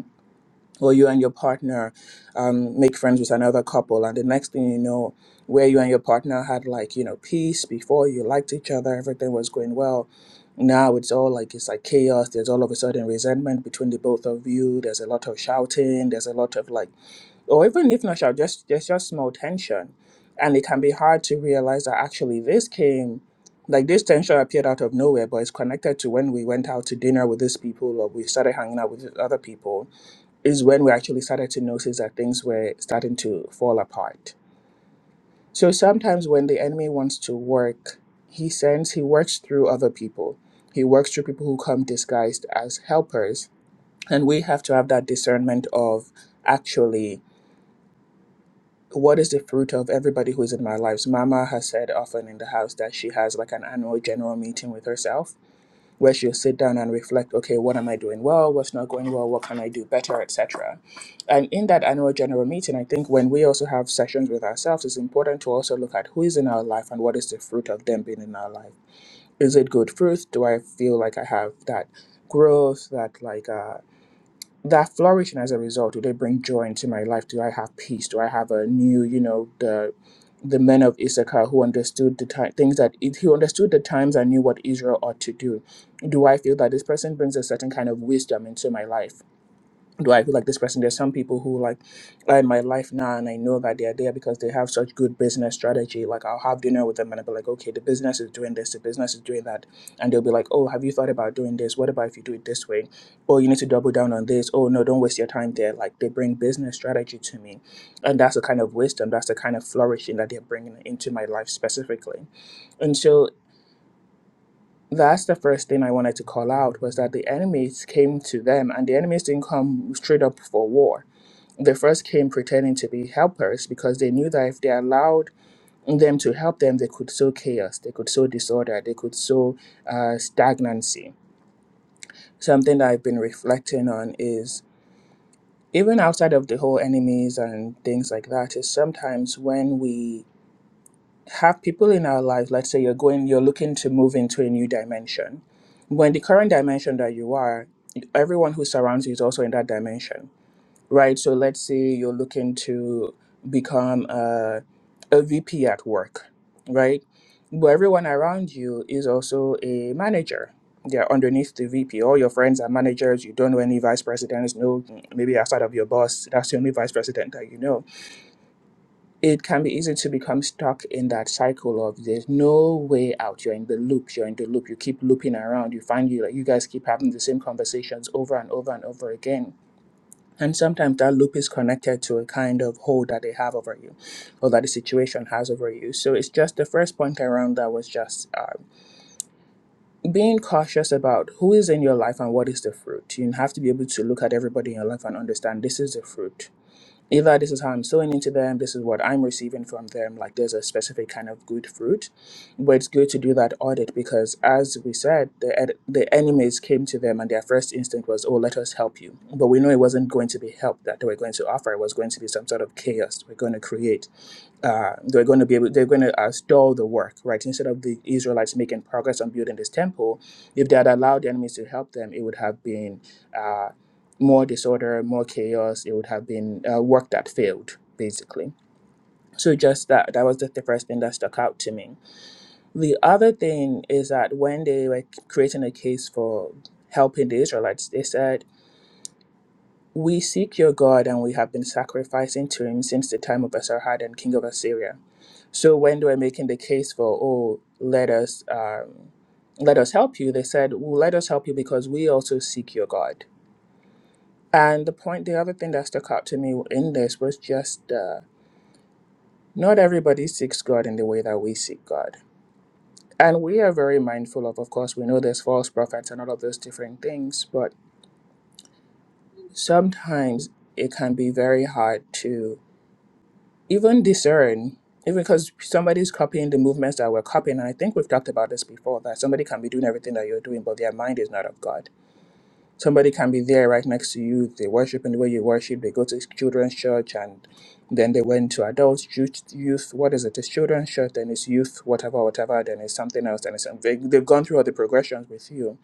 or you and your partner um, make friends with another couple and the next thing you know where you and your partner had like you know peace before you liked each other everything was going well now it's all like it's like chaos there's all of a sudden resentment between the both of you there's a lot of shouting there's a lot of like or even if not shout just there's just small tension and it can be hard to realize that actually this came like this tension appeared out of nowhere but it's connected to when we went out to dinner with these people or we started hanging out with other people is when we actually started to notice that things were starting to fall apart. So sometimes when the enemy wants to work, he sends, he works through other people. He works through people who come disguised as helpers. And we have to have that discernment of actually what is the fruit of everybody who is in my lives. Mama has said often in the house that she has like an annual general meeting with herself where she'll sit down and reflect okay what am i doing well what's not going well what can i do better etc and in that annual general meeting i think when we also have sessions with ourselves it's important to also look at who is in our life and what is the fruit of them being in our life is it good fruit do i feel like i have that growth that like uh, that flourishing as a result do they bring joy into my life do i have peace do i have a new you know the the men of issachar who understood the time things that it, who understood the times and knew what israel ought to do do i feel that this person brings a certain kind of wisdom into my life do I feel like this person? There's some people who like are in my life now, and I know that they're there because they have such good business strategy. Like I'll have dinner with them, and I'll be like, okay, the business is doing this, the business is doing that, and they'll be like, oh, have you thought about doing this? What about if you do it this way? Oh, you need to double down on this. Oh no, don't waste your time there. Like they bring business strategy to me, and that's the kind of wisdom, that's the kind of flourishing that they're bringing into my life specifically. And so that's the first thing I wanted to call out was that the enemies came to them, and the enemies didn't come straight up for war they first came pretending to be helpers because they knew that if they allowed them to help them, they could sow chaos, they could sow disorder, they could sow uh, stagnancy. Something that I've been reflecting on is even outside of the whole enemies and things like that, is sometimes when we have people in our lives, let's say you're going, you're looking to move into a new dimension. When the current dimension that you are, everyone who surrounds you is also in that dimension right? So let's say you're looking to become a, a VP at work, right? But everyone around you is also a manager. They're underneath the VP. All your friends are managers. You don't know any vice presidents. No, maybe outside of your boss, that's the only vice president that you know. It can be easy to become stuck in that cycle of there's no way out. You're in the loop. You're in the loop. You keep looping around. You find you like you guys keep having the same conversations over and over and over again and sometimes that loop is connected to a kind of hold that they have over you or that the situation has over you. So it's just the first point around that was just uh, being cautious about who is in your life and what is the fruit. You have to be able to look at everybody in your life and understand this is the fruit Either this is how I'm sowing into them. This is what I'm receiving from them. Like there's a specific kind of good fruit, but it's good to do that audit because, as we said, the ed- the enemies came to them and their first instinct was, "Oh, let us help you," but we know it wasn't going to be help that they were going to offer. It was going to be some sort of chaos we're going to create uh, they're going to be able, they're going to uh, stall the work, right? Instead of the Israelites making progress on building this temple, if they had allowed the enemies to help them, it would have been uh, more disorder, more chaos. It would have been uh, work that failed, basically. So just that, that was the, the first thing that stuck out to me. The other thing is that when they were creating a case for helping the Israelites, they said, "We seek your God, and we have been sacrificing to Him since the time of Esarhaddon, king of Assyria." So when they were making the case for, oh, let us um, let us help you, they said, well, let us help you because we also seek your God. And the point, the other thing that stuck out to me in this was just uh, not everybody seeks God in the way that we seek God. And we are very mindful of, of course, we know there's false prophets and all of those different things, but sometimes it can be very hard to even discern, even because somebody's copying the movements that we're copying. And I think we've talked about this before that somebody can be doing everything that you're doing, but their mind is not of God. Somebody can be there right next to you. They worship in the way you worship. They go to children's church and then they went to adults, youth, youth. What is it? It's children's church, then it's youth, whatever, whatever. Then it's something else. Then it's they, they've gone through all the progressions with you,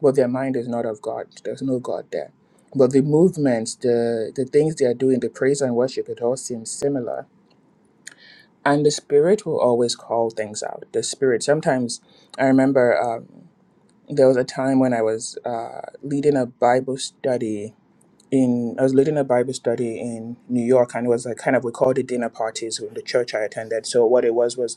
but their mind is not of God. There's no God there. But the movements, the the things they are doing, the praise and worship, it all seems similar and the spirit will always call things out the spirit sometimes i remember um, there was a time when i was uh, leading a bible study in i was leading a bible study in new york and it was like kind of we called it dinner parties in the church i attended so what it was was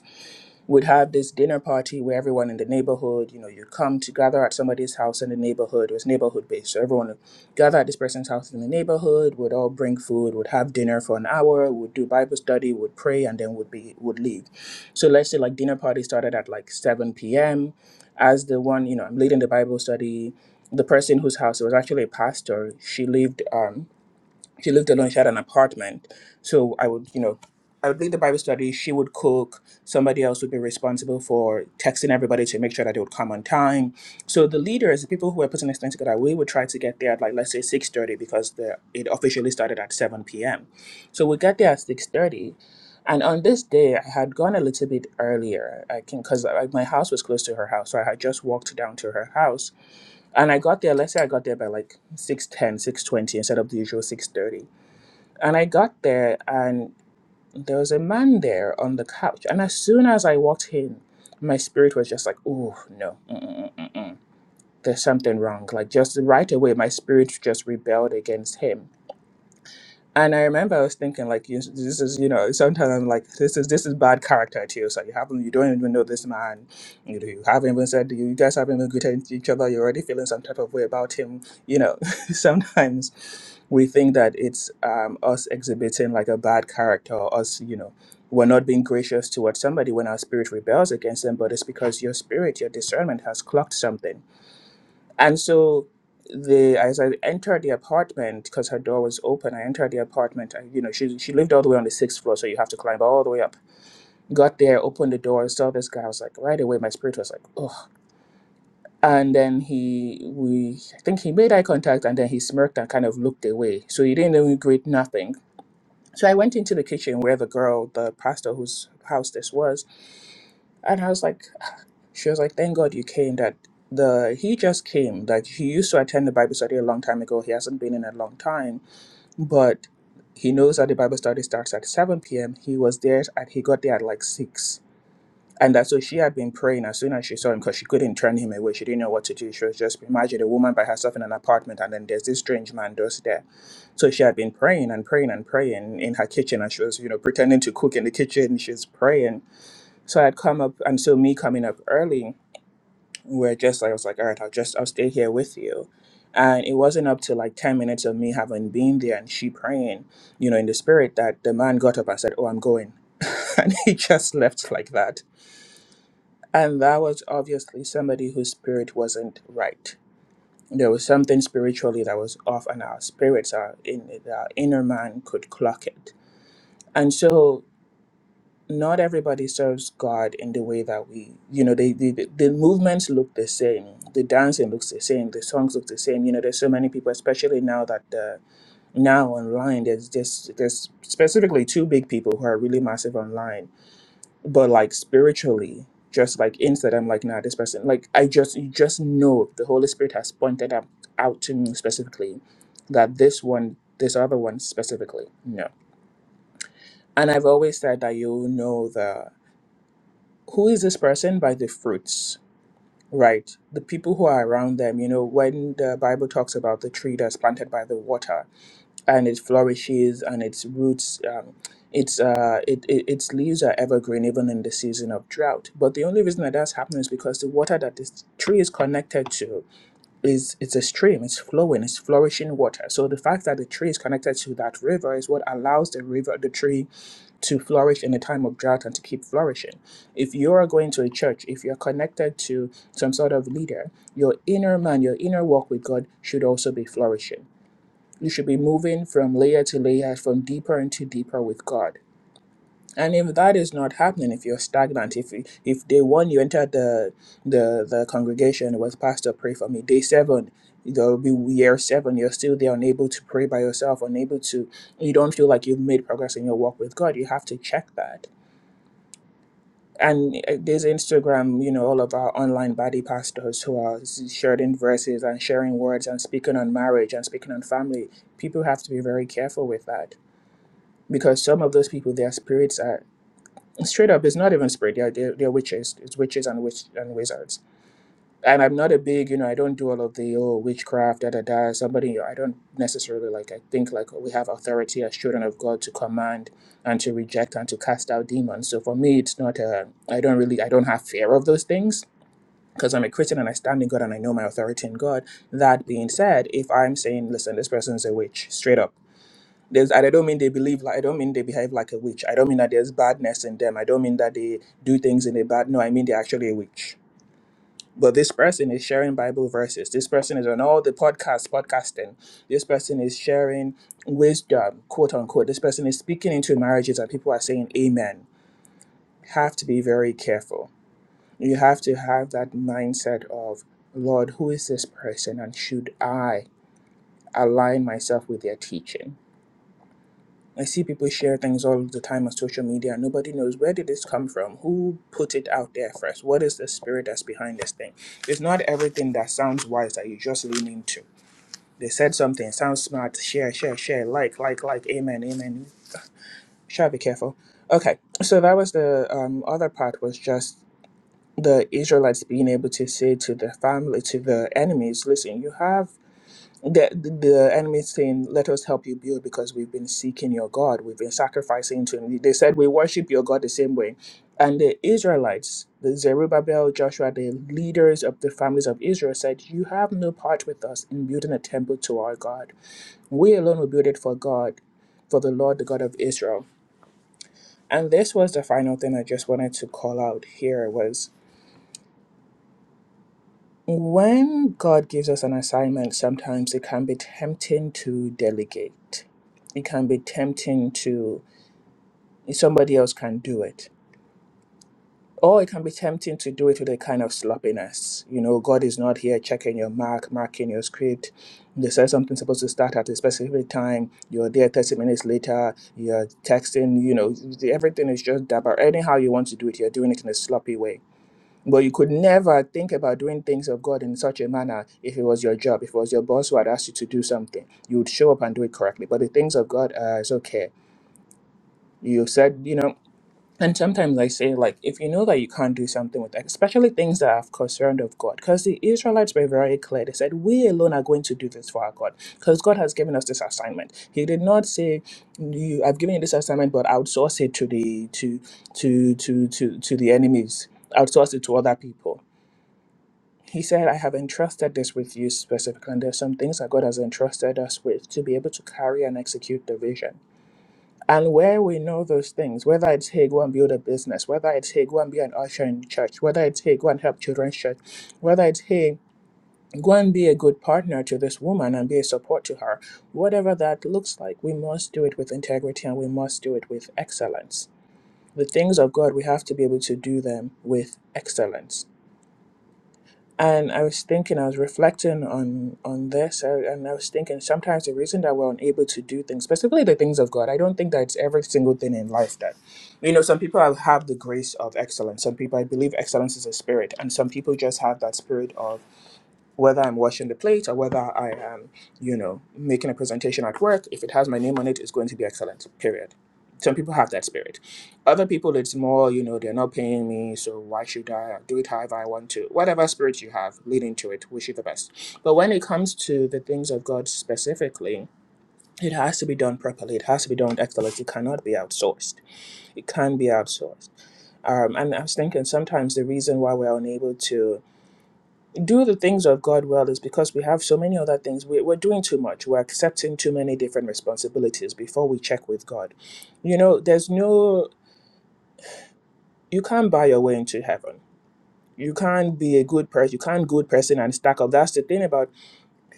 would have this dinner party where everyone in the neighborhood, you know, you come to gather at somebody's house in the neighborhood. It was neighborhood based. So everyone would gather at this person's house in the neighborhood, would all bring food, would have dinner for an hour, would do Bible study, would pray, and then would be would leave. So let's say like dinner party started at like 7 p.m. As the one, you know, I'm leading the Bible study. The person whose house it was actually a pastor, she lived um she lived alone. She had an apartment, so I would, you know, I would lead the Bible study. She would cook. Somebody else would be responsible for texting everybody to make sure that they would come on time. So the leaders, the people who were putting this thing together, we would try to get there at like let's say six thirty because the it officially started at seven p.m. So we got there at six thirty. And on this day, I had gone a little bit earlier. I can because my house was close to her house, so I had just walked down to her house. And I got there. Let's say I got there by like six ten, six twenty instead of the usual 6.30 and I got there, and there was a man there on the couch. And as soon as I walked in, my spirit was just like, "Oh no, mm-mm-mm-mm. there's something wrong." Like just right away, my spirit just rebelled against him and I remember I was thinking, like, you- this is, you know, sometimes I'm like, this is this is bad character too. So you haven't, you don't even know this man. You know, you haven't even said you guys haven't even greeted each other. You're already feeling some type of way about him. You know, (laughs) sometimes we think that it's um, us exhibiting like a bad character, or us, you know, we're not being gracious towards somebody when our spirit rebels against them. But it's because your spirit, your discernment has clocked something and so the as I entered the apartment because her door was open, I entered the apartment. I, you know, she she lived all the way on the sixth floor, so you have to climb all the way up. Got there, opened the door, saw this guy. I was like, right away, my spirit was like, oh. And then he we I think he made eye contact, and then he smirked and kind of looked away. So he didn't even greet nothing. So I went into the kitchen where the girl, the pastor whose house this was, and I was like. She was like, Thank God you came that the he just came. Like he used to attend the Bible study a long time ago. He hasn't been in a long time. But he knows that the Bible study starts at seven PM. He was there at he got there at like six. And that's so she had been praying as soon as she saw him because she couldn't turn him away. She didn't know what to do. She was just imagine a woman by herself in an apartment and then there's this strange man just there. So she had been praying and praying and praying in her kitchen, and she was, you know, pretending to cook in the kitchen. She's praying. So I'd come up, and so me coming up early where just like I was like, all right, I'll just I'll stay here with you. And it wasn't up to like ten minutes of me having been there and she praying, you know, in the spirit that the man got up and said, Oh, I'm going. (laughs) and he just left like that. And that was obviously somebody whose spirit wasn't right. There was something spiritually that was off, and our spirits, our, in, our inner man could clock it. And so not everybody serves God in the way that we, you know, they, the the movements look the same, the dancing looks the same, the songs look the same. You know, there's so many people, especially now that uh, now online, there's just there's specifically two big people who are really massive online, but like spiritually, just like inside, I'm like, nah, this person, like I just you just know the Holy Spirit has pointed out out to me specifically that this one, this other one specifically, no. And I've always said that you know the who is this person by the fruits right the people who are around them you know when the bible talks about the tree that's planted by the water and it flourishes and its roots um, its uh it, it its leaves are evergreen even in the season of drought but the only reason that that's happening is because the water that this tree is connected to is it's a stream it's flowing it's flourishing water so the fact that the tree is connected to that river is what allows the river the tree to flourish in a time of drought and to keep flourishing. If you are going to a church, if you're connected to some sort of leader, your inner man, your inner walk with God should also be flourishing. You should be moving from layer to layer, from deeper into deeper with God. And if that is not happening, if you're stagnant, if if day one you entered the the the congregation with pastor pray for me, day seven there'll be year seven you're still there unable to pray by yourself, unable to you don't feel like you've made progress in your walk with God. You have to check that and uh, there's Instagram, you know, all of our online body pastors who are s- sharing verses and sharing words and speaking on marriage and speaking on family. People have to be very careful with that because some of those people, their spirits are straight up. It's not even spirit; they're they're, they're witches. It's witches and witch and wizards and I'm not a big, you know, I don't do all of the oh witchcraft, da da da. Somebody, I don't necessarily like. I think like we have authority as children of God to command and to reject and to cast out demons. So for me, it's not. a. I don't really. I don't have fear of those things because I'm a Christian and I stand in God and I know my authority in God. That being said, if I'm saying, listen, this person's a witch, straight up. There's, and I don't mean they believe like I don't mean they behave like a witch. I don't mean that there's badness in them. I don't mean that they do things in a bad. No, I mean they're actually a witch but this person is sharing Bible verses. This person is on all the podcasts, podcasting. This person is sharing wisdom, quote unquote. This person is speaking into marriages and people are saying amen. Have to be very careful. You have to have that mindset of, Lord, who is this person and should I align myself with their teaching? I see people share things all the time on social media. Nobody knows where did this come from? Who put it out there first? What is the spirit that's behind this thing? It's not everything that sounds wise that you just lean into. They said something, sounds smart, share, share, share, like, like, like, amen, amen. Shall be careful. Okay, so that was the um, other part was just the Israelites being able to say to the family, to the enemies, listen, you have the, the enemy is saying, Let us help you build because we've been seeking your God. We've been sacrificing to him. They said, We worship your God the same way. And the Israelites, the Zerubbabel, Joshua, the leaders of the families of Israel said, You have no part with us in building a temple to our God. We alone will build it for God, for the Lord, the God of Israel. And this was the final thing I just wanted to call out here was When God gives us an assignment, sometimes it can be tempting to delegate. It can be tempting to somebody else can do it. Or it can be tempting to do it with a kind of sloppiness. You know, God is not here checking your mark, marking your script. They said something's supposed to start at a specific time. You're there 30 minutes later. You're texting, you know, everything is just about anyhow you want to do it. You're doing it in a sloppy way but you could never think about doing things of God in such a manner if it was your job, if it was your boss who had asked you to do something. You would show up and do it correctly. But the things of God uh, is okay. You said, you know, and sometimes I say, like, if you know that you can't do something with that, especially things that are concerned of God, because the Israelites were very clear. They said, We alone are going to do this for our God, because God has given us this assignment. He did not say, you, I've given you this assignment, but outsource it to the to to to to to the enemies, outsource it to other people he said, I have entrusted this with you specifically, and there's some things that God has entrusted us with to be able to carry and execute the vision. And where we know those things, whether it's hey, go and build a business, whether it's hey, go and be an usher in church, whether it's hey, go and help children's church, whether it's hey, go and be a good partner to this woman and be a support to her, whatever that looks like, we must do it with integrity and we must do it with excellence. The things of God, we have to be able to do them with excellence and I was thinking, I was reflecting on on this, uh, and I was thinking sometimes the reason that we're unable to do things, specifically the things of God, I don't think that it's every single thing in life that, you know, some people have have the grace of excellence. Some people, I believe, excellence is a spirit, and some people just have that spirit of whether I'm washing the plate or whether I am, you know, making a presentation at work, if it has my name on it, it's going to be excellent, period. Some people have that spirit. Other people, it's more, you know, they're not paying me, so why should I do it however I want to? Whatever spirit you have lead into it, wish you the best. But when it comes to the things of God specifically, it has to be done properly. It has to be done with excellence. It cannot be outsourced. It can be outsourced. Um, and I was thinking sometimes the reason why we're unable to do the things of God well is because we have so many other things. We're, we're doing too much. We're accepting too many different responsibilities before we check with God. You know, there's no, you can't buy your way into heaven. You can't be a good person. You can't good person and stack up. That's the thing about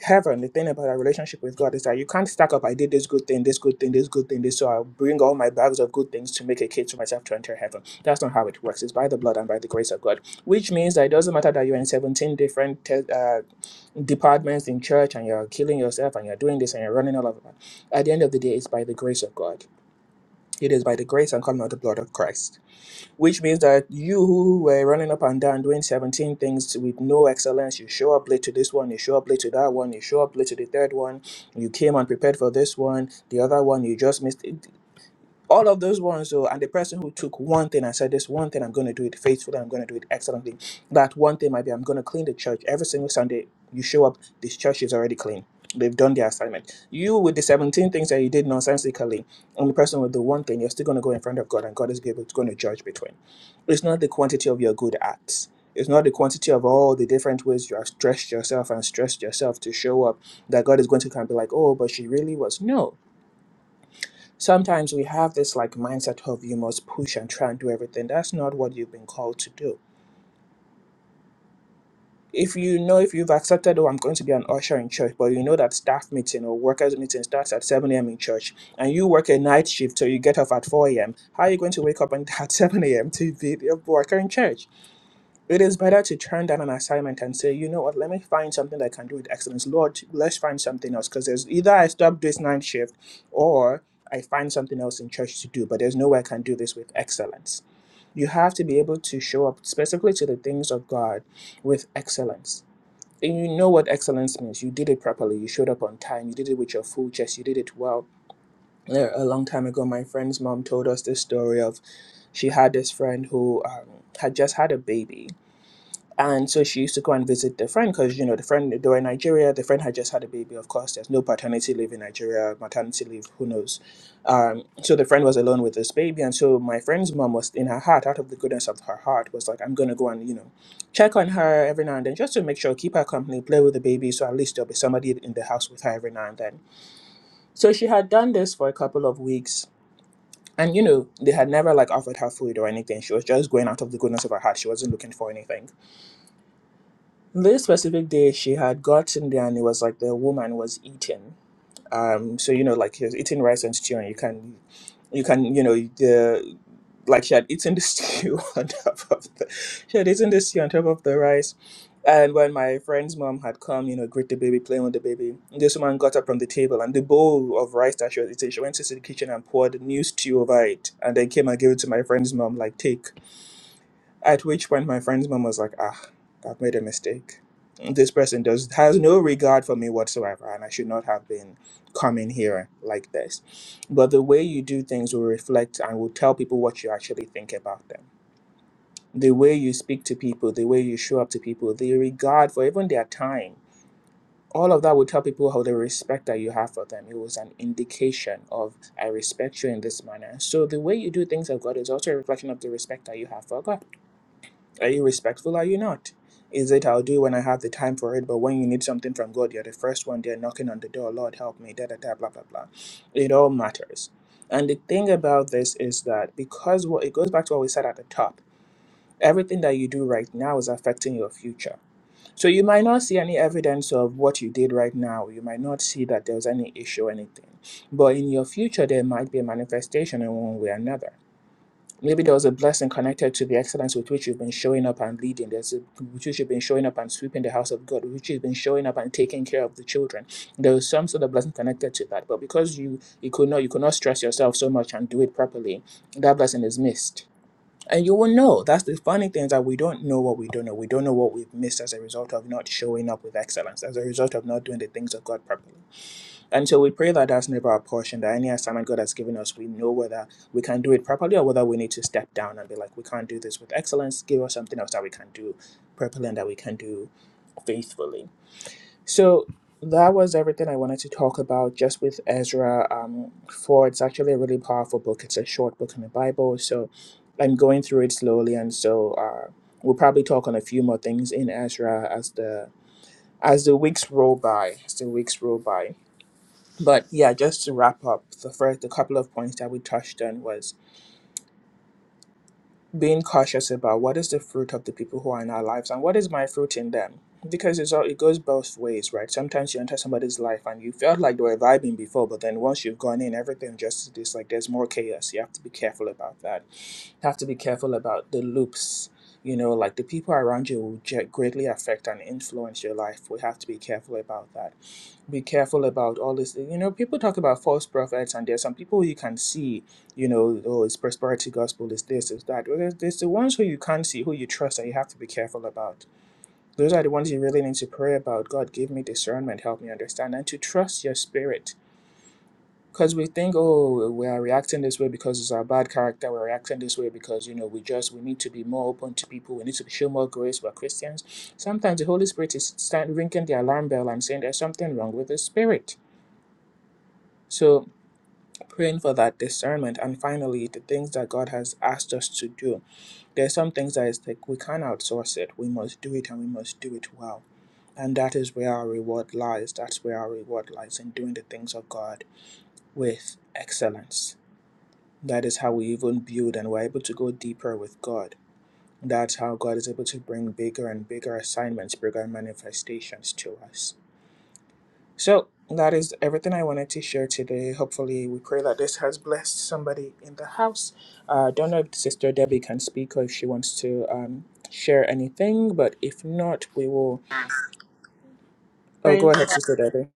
heaven. The thing about our relationship with God is that you can't stack up. I did this good thing, this good thing, this good thing, this. So I'll bring all my bags of good things to make a case for myself to enter heaven. That's not how it works. It's by the blood and by the grace of God, which means that it doesn't matter that you're in 17 different te- uh, departments in church and you're killing yourself and you're doing this and you're running all over. At the end of the day, it's by the grace of God. It is by the grace and coming of the blood of Christ. Which means that you who were running up and down doing 17 things with no excellence, you show up late to this one, you show up late to that one, you show up late to the third one, you came unprepared for this one, the other one, you just missed all of those ones though and the person who took one thing and said this one thing i'm going to do it faithfully i'm going to do it excellently that one thing might be i'm going to clean the church every single sunday you show up this church is already clean they've done their assignment you with the 17 things that you did nonsensically and the person with the one thing you're still going to go in front of god and god is able to going to judge between it's not the quantity of your good acts it's not the quantity of all the different ways you have stressed yourself and stressed yourself to show up that God is going to kind of be like, oh, but she really was. No, Sometimes we have this like mindset of you must push and try and do everything. That's not what you've been called to do. If you know, if you've accepted, oh, I'm going to be an usher in church, but you know that staff meeting or workers' meeting starts at 7 a.m. in church and you work a night shift so you get off at 4 a.m., how are you going to wake up and (laughs) at 7 a.m. to be a worker in church? It is better to turn down an assignment and say, you know what, let me find something that I can do with excellence. Lord, let's find something else. Because there's either I stop this night shift or I find something else in church to do, but there's no way I can do this with excellence. You have to be able to show up specifically to the things of God with excellence. And you know what excellence means. You did it properly. You showed up on time. You did it with your full chest. You did it well. A long time ago, my friend's mom told us this story of she had this friend who um, had just had a baby and so she used to go and visit the friend because, you know, the friend, they were in Nigeria. The friend had just had a baby. Of course, there's no paternity leave in Nigeria, maternity leave, who knows. Um, so the friend was alone with this baby. And so my friend's mom was in her heart, out of the goodness of her heart, was like, I'm going to go and, you know, check on her every now and then just to make sure, keep her company, play with the baby. So at least there'll be somebody in the house with her every now and then. So she had done this for a couple of weeks. And, you know, they had never like offered her food or anything. She was just going out of the goodness of her heart. She wasn't looking for anything. This specific day, she had gotten there and it was like the woman was eating. Um, so you know, like she was eating rice and stew, and you can, you can, you know, the like she had eaten the (laughs) stew on top of the, she had eaten the stew on top of the rice. And when my friend's mom had come, you know, greet the baby, playing with the baby, this woman got up from the table and the bowl of rice that she was eating, she went into the kitchen and poured new stew over it, and then came and gave it to my friend's mom, like take. At which point, my friend's mom was like, "Ah, I've made a mistake. This person does has no regard for me whatsoever, and I should not have been coming here like this." But the way you do things will reflect and will tell people what you actually think about them. The way you speak to people, the way you show up to people, the regard for even their time. All of that will tell people how the respect that you have for them. It was an indication of I respect you in this manner. So the way you do things of God is also a reflection of the respect that you have for God. Are you respectful? Are you not? Is it I'll do when I have the time for it, but when you need something from God, you're the first one there knocking on the door, Lord help me, da da da blah blah blah. It all matters. And the thing about this is that because what it goes back to what we said at the top, everything that you do right now is affecting your future. So you might not see any evidence of what you did right now. You might not see that there was any issue or anything. But in your future there might be a manifestation in one way or another. Maybe there was a blessing connected to the excellence with which you've been showing up and leading. There's a, with which you've been showing up and sweeping the house of God, with which you've been showing up and taking care of the children. There was some sort of blessing connected to that, but because you you could not you could not stress yourself so much and do it properly, that blessing is missed. And you will know. That's the funny thing is that we don't know what we don't know. We don't know what we've missed as a result of not showing up with excellence, as a result of not doing the things of God properly. And so we pray that that's never our portion, that any assignment God has given us, we know whether we can do it properly or whether we need to step down and be like, we can't do this with excellence. Give us something else that we can do properly and that we can do faithfully. So that was everything I wanted to talk about just with Ezra um, 4. It's actually a really powerful book. It's a short book in the Bible. So I'm going through it slowly. And so uh, we'll probably talk on a few more things in Ezra as the as the weeks roll by, as the weeks roll by. But yeah, just to wrap up, the first the couple of points that we touched on was being cautious about what is the fruit of the people who are in our lives and what is my fruit in them. Because it's all it goes both ways, right? Sometimes you enter somebody's life and you felt like they were vibing before, but then once you've gone in, everything just is like there's more chaos. You have to be careful about that. You have to be careful about the loops. You know, like the people around you will ge- greatly affect and influence your life. We have to be careful about that be careful about all this. You know, people talk about false prophets, and there's some people you can see, you know, oh, it's prosperity gospel, it's this, it's that. Well, there's, there's the ones who you can't see, who you trust, and you have to be careful about. Those are the ones you really need to pray about. God, give me discernment, help me understand, and to trust your spirit. Because we think, oh, we are reacting this way because it's our bad character. We're reacting this way because, you know, we just, we need to be more open to people. We need to show more grace. We're Christians. Sometimes the Holy Spirit is stand, ringing the alarm bell and saying there's something wrong with the spirit so praying for that discernment and finally the things that God has asked us to do. There are some things that is like we can't outsource it. We must do it and we must do it well. And that is where our reward lies. That's where our reward lies in doing the things of God with excellence. That is how we even build and we're able to go deeper with God. That's how God is able to bring bigger and bigger assignments, bigger manifestations to us. So that is everything I wanted to share today. Hopefully, we pray that this has blessed somebody in the house. I Uh, don't know if Sister Debbie can speak or if she wants to um, share anything, but if not, we will. Oh, go
Praise.
ahead,
God.
Sister Debbie.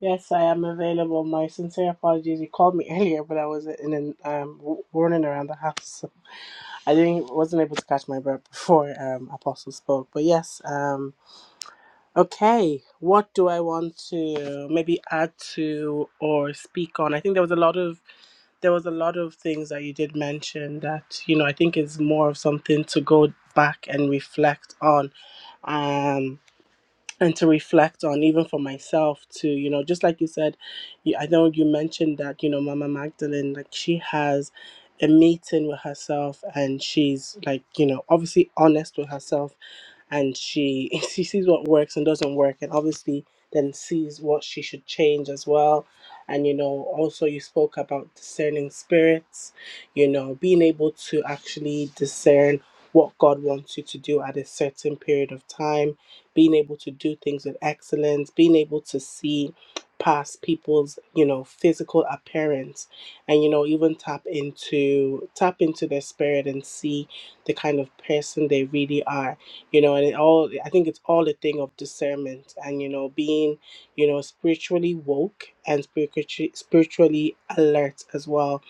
Yes, I am available. My sincere apologies. You called me (laughs) earlier, but I was in an um w- running around the house. So I didn't wasn't able to catch my breath before um Apostle spoke. But yes, um okay. What do I want to maybe add to or speak on? I think there was a lot of there was a lot of things that you did mention that you know I think is more of something to go back and reflect on. Um and to reflect on even for myself to you know just like you said you, i know you mentioned that you know mama magdalene like she has a meeting with herself and she's like you know obviously honest with herself and she (laughs) she sees what works and doesn't work and obviously then sees what she should change as well and you know also you spoke about discerning spirits you know being able to actually discern what god wants you to do at a certain period of time being able to do things with excellence being able to see past people's you know physical appearance and you know even tap into tap into their spirit and see the kind of person they really are you know and it all i think it's all a thing of discernment and you know being you know spiritually woke and spiritually spiritually alert as well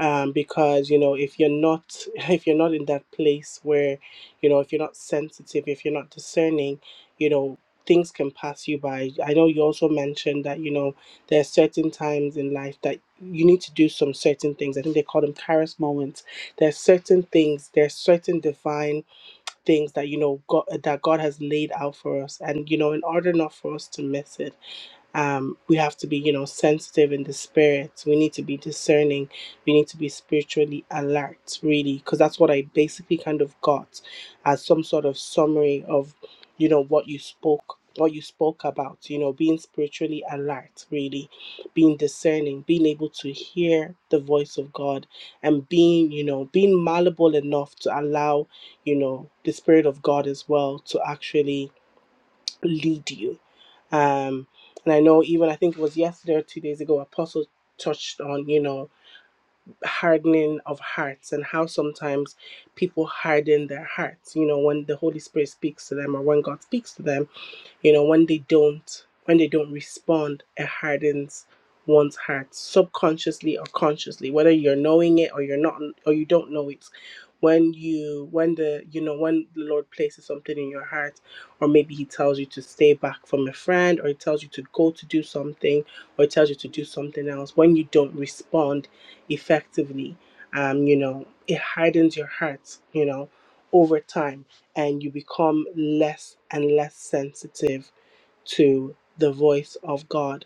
um because you know if you're not (laughs) if you're not in that place where you know if you're not sensitive if you're not discerning you know things can pass you by i know you also mentioned that you know there are certain times in life that you need to do some certain things i think they call them charis moments There are certain things There are certain divine things that you know God that God has laid out for us, and you know, in order not for us to miss it um, we have to be you know sensitive in the spirit we need to be discerning we need to be spiritually alert really because that's what i basically kind of got as some sort of summary of you know what you spoke what you spoke about you know being spiritually alert really being discerning being able to hear the voice of god and being you know being malleable enough to allow you know the spirit of god as well to actually lead you. Um, and I know even I think it was yesterday or two days ago, Apostle touched on, you know, hardening of hearts and how sometimes people harden their hearts, you know, when the Holy Spirit speaks to them or when God speaks to them you know when they don't when they don't respond it hardens one's heart subconsciously or consciously whether you're knowing it or you're not or you don't know it when you when the you know when the lord places something in your heart or maybe he tells you to stay back from a friend or he tells you to go to do something or he tells you to do something else when you don't respond effectively um you know it hardens your heart you know over time and you become less and less sensitive to the voice of God.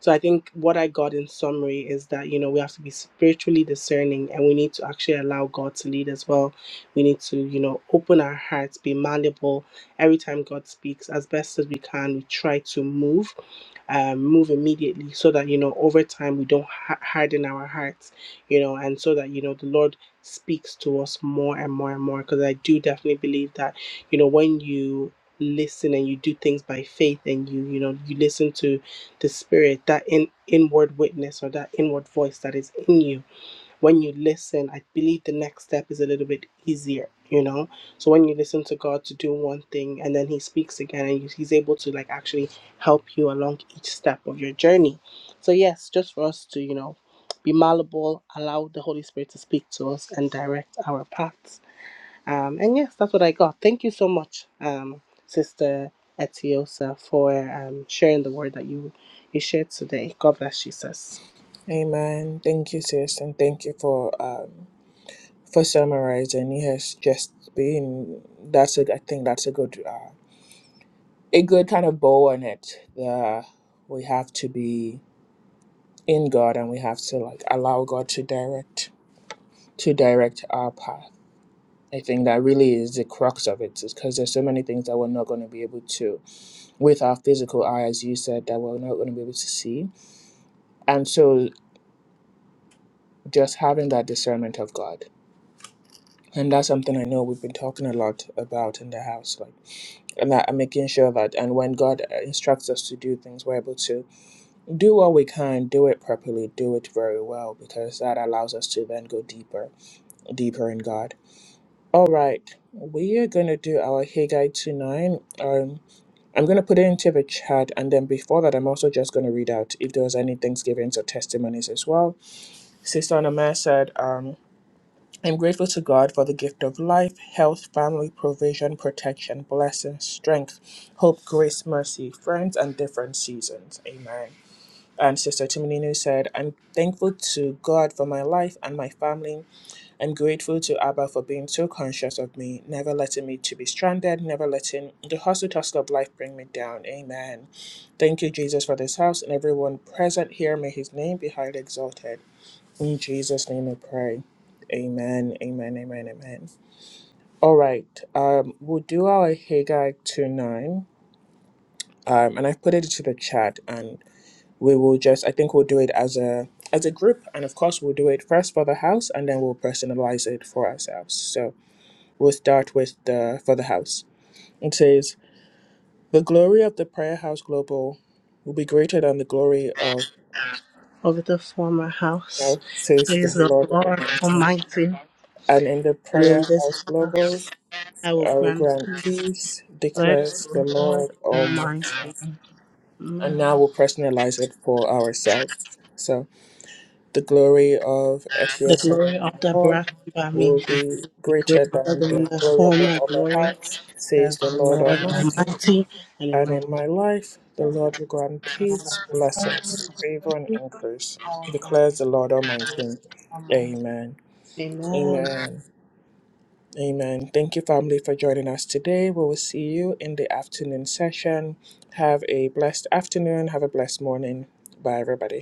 So I think what I got in summary is that you know we have to be spiritually discerning and we need to actually allow God to lead as well. We need to you know open our hearts, be malleable. Every time God speaks, as best as we can, we try to move um, move immediately so that you know over time we don't ha- harden our hearts you know and so that you know the lord speaks to us more and more and more because i do definitely believe that you know when you listen and you do things by faith and you you know you listen to the spirit that in inward witness or that inward voice that is in you when you listen, I believe the next step is a little bit easier, you know? So when you listen to God to do one thing and then He speaks again and He's able to like actually help you along each step of your journey. So, yes, just for us to, you know, be malleable, allow the Holy Spirit to speak to us and direct our paths. Um, and yes, that's what I got. Thank you so much, um, Sister Etiosa, for um, sharing the word that you, you shared today. God bless you, sis.
Amen. Thank you, sis, and thank you for um, for summarizing. Yes, just being that's a I think that's a good uh, a good kind of bow on it. The we have to be in God and we have to like allow God to direct to direct our path. I think that really is the crux of it, is because there's so many things that we're not going to be able to, with our physical eye, as you said, that we're not going to be able to see. And so just having that discernment of God. And that's something I know we've been talking a lot about in the house, like and that and making sure that and when God uh, instructs us to do things, we're able to do what we can, do it properly, do it very well, because that allows us to then go deeper, deeper in God. All right, we are going to do our Haggai 2 9. Um, I'm going to put it into the chat, and then before that, I'm also just going to read out if there was any Thanksgivings or testimonies as well. Sister Anamaya said, um, I'm grateful to God for the gift of life, health, family, provision, protection, blessing, strength, hope, grace, mercy, friends, and different seasons. Amen. And Sister Timonino said, I'm thankful to God for my life and my family I'm grateful to Abba for being so conscious of me, never letting me to be stranded, never letting the hustle tussle of life bring me down. Amen. Thank you, Jesus, for this house and everyone present here. May his name be highly exalted. In Jesus' name I pray. Amen. Amen. Amen. Amen. All right. Um, we'll do our Haggai 2 9. Um, and I've put it into the chat and we will just I think we'll do it as a as a group and of course we'll do it first for the house and then we'll personalize it for ourselves. So We'll start with the for the house. It says, "The glory of the Prayer House Global will be greater than the glory of
over the former house.
now says
Praise
the
the
Lord
Lord
Almighty.
Almighty.
And in the
And in
Prayer House
this
Global,
house I will
I will
grant
grant
peace.
peace,
Praise
declares the
the
Lord
Lord
Almighty."
Almighty.
And
Amen.
now we'll personalize it for ourselves. So, the glory of
The
Etiosa
glory of the
Hall
brought by me
will be
be greater
greater than
than
the
the
glory of the
former
former
glory,
house,
says
says the
the
Lord
Lord
Almighty.
Almighty. And in
and
my God,
in my life the Lord will grant
I will
peace,
grant
blessings,
peace.
favor, and increase,
I will grant
declares the Lord Almighty.
Almighty.
Amen.
Amen.
Amen. Amen. Thank you, family, for joining us today. We will see you in the afternoon session. Have a blessed afternoon. Have a blessed morning. Bye, everybody.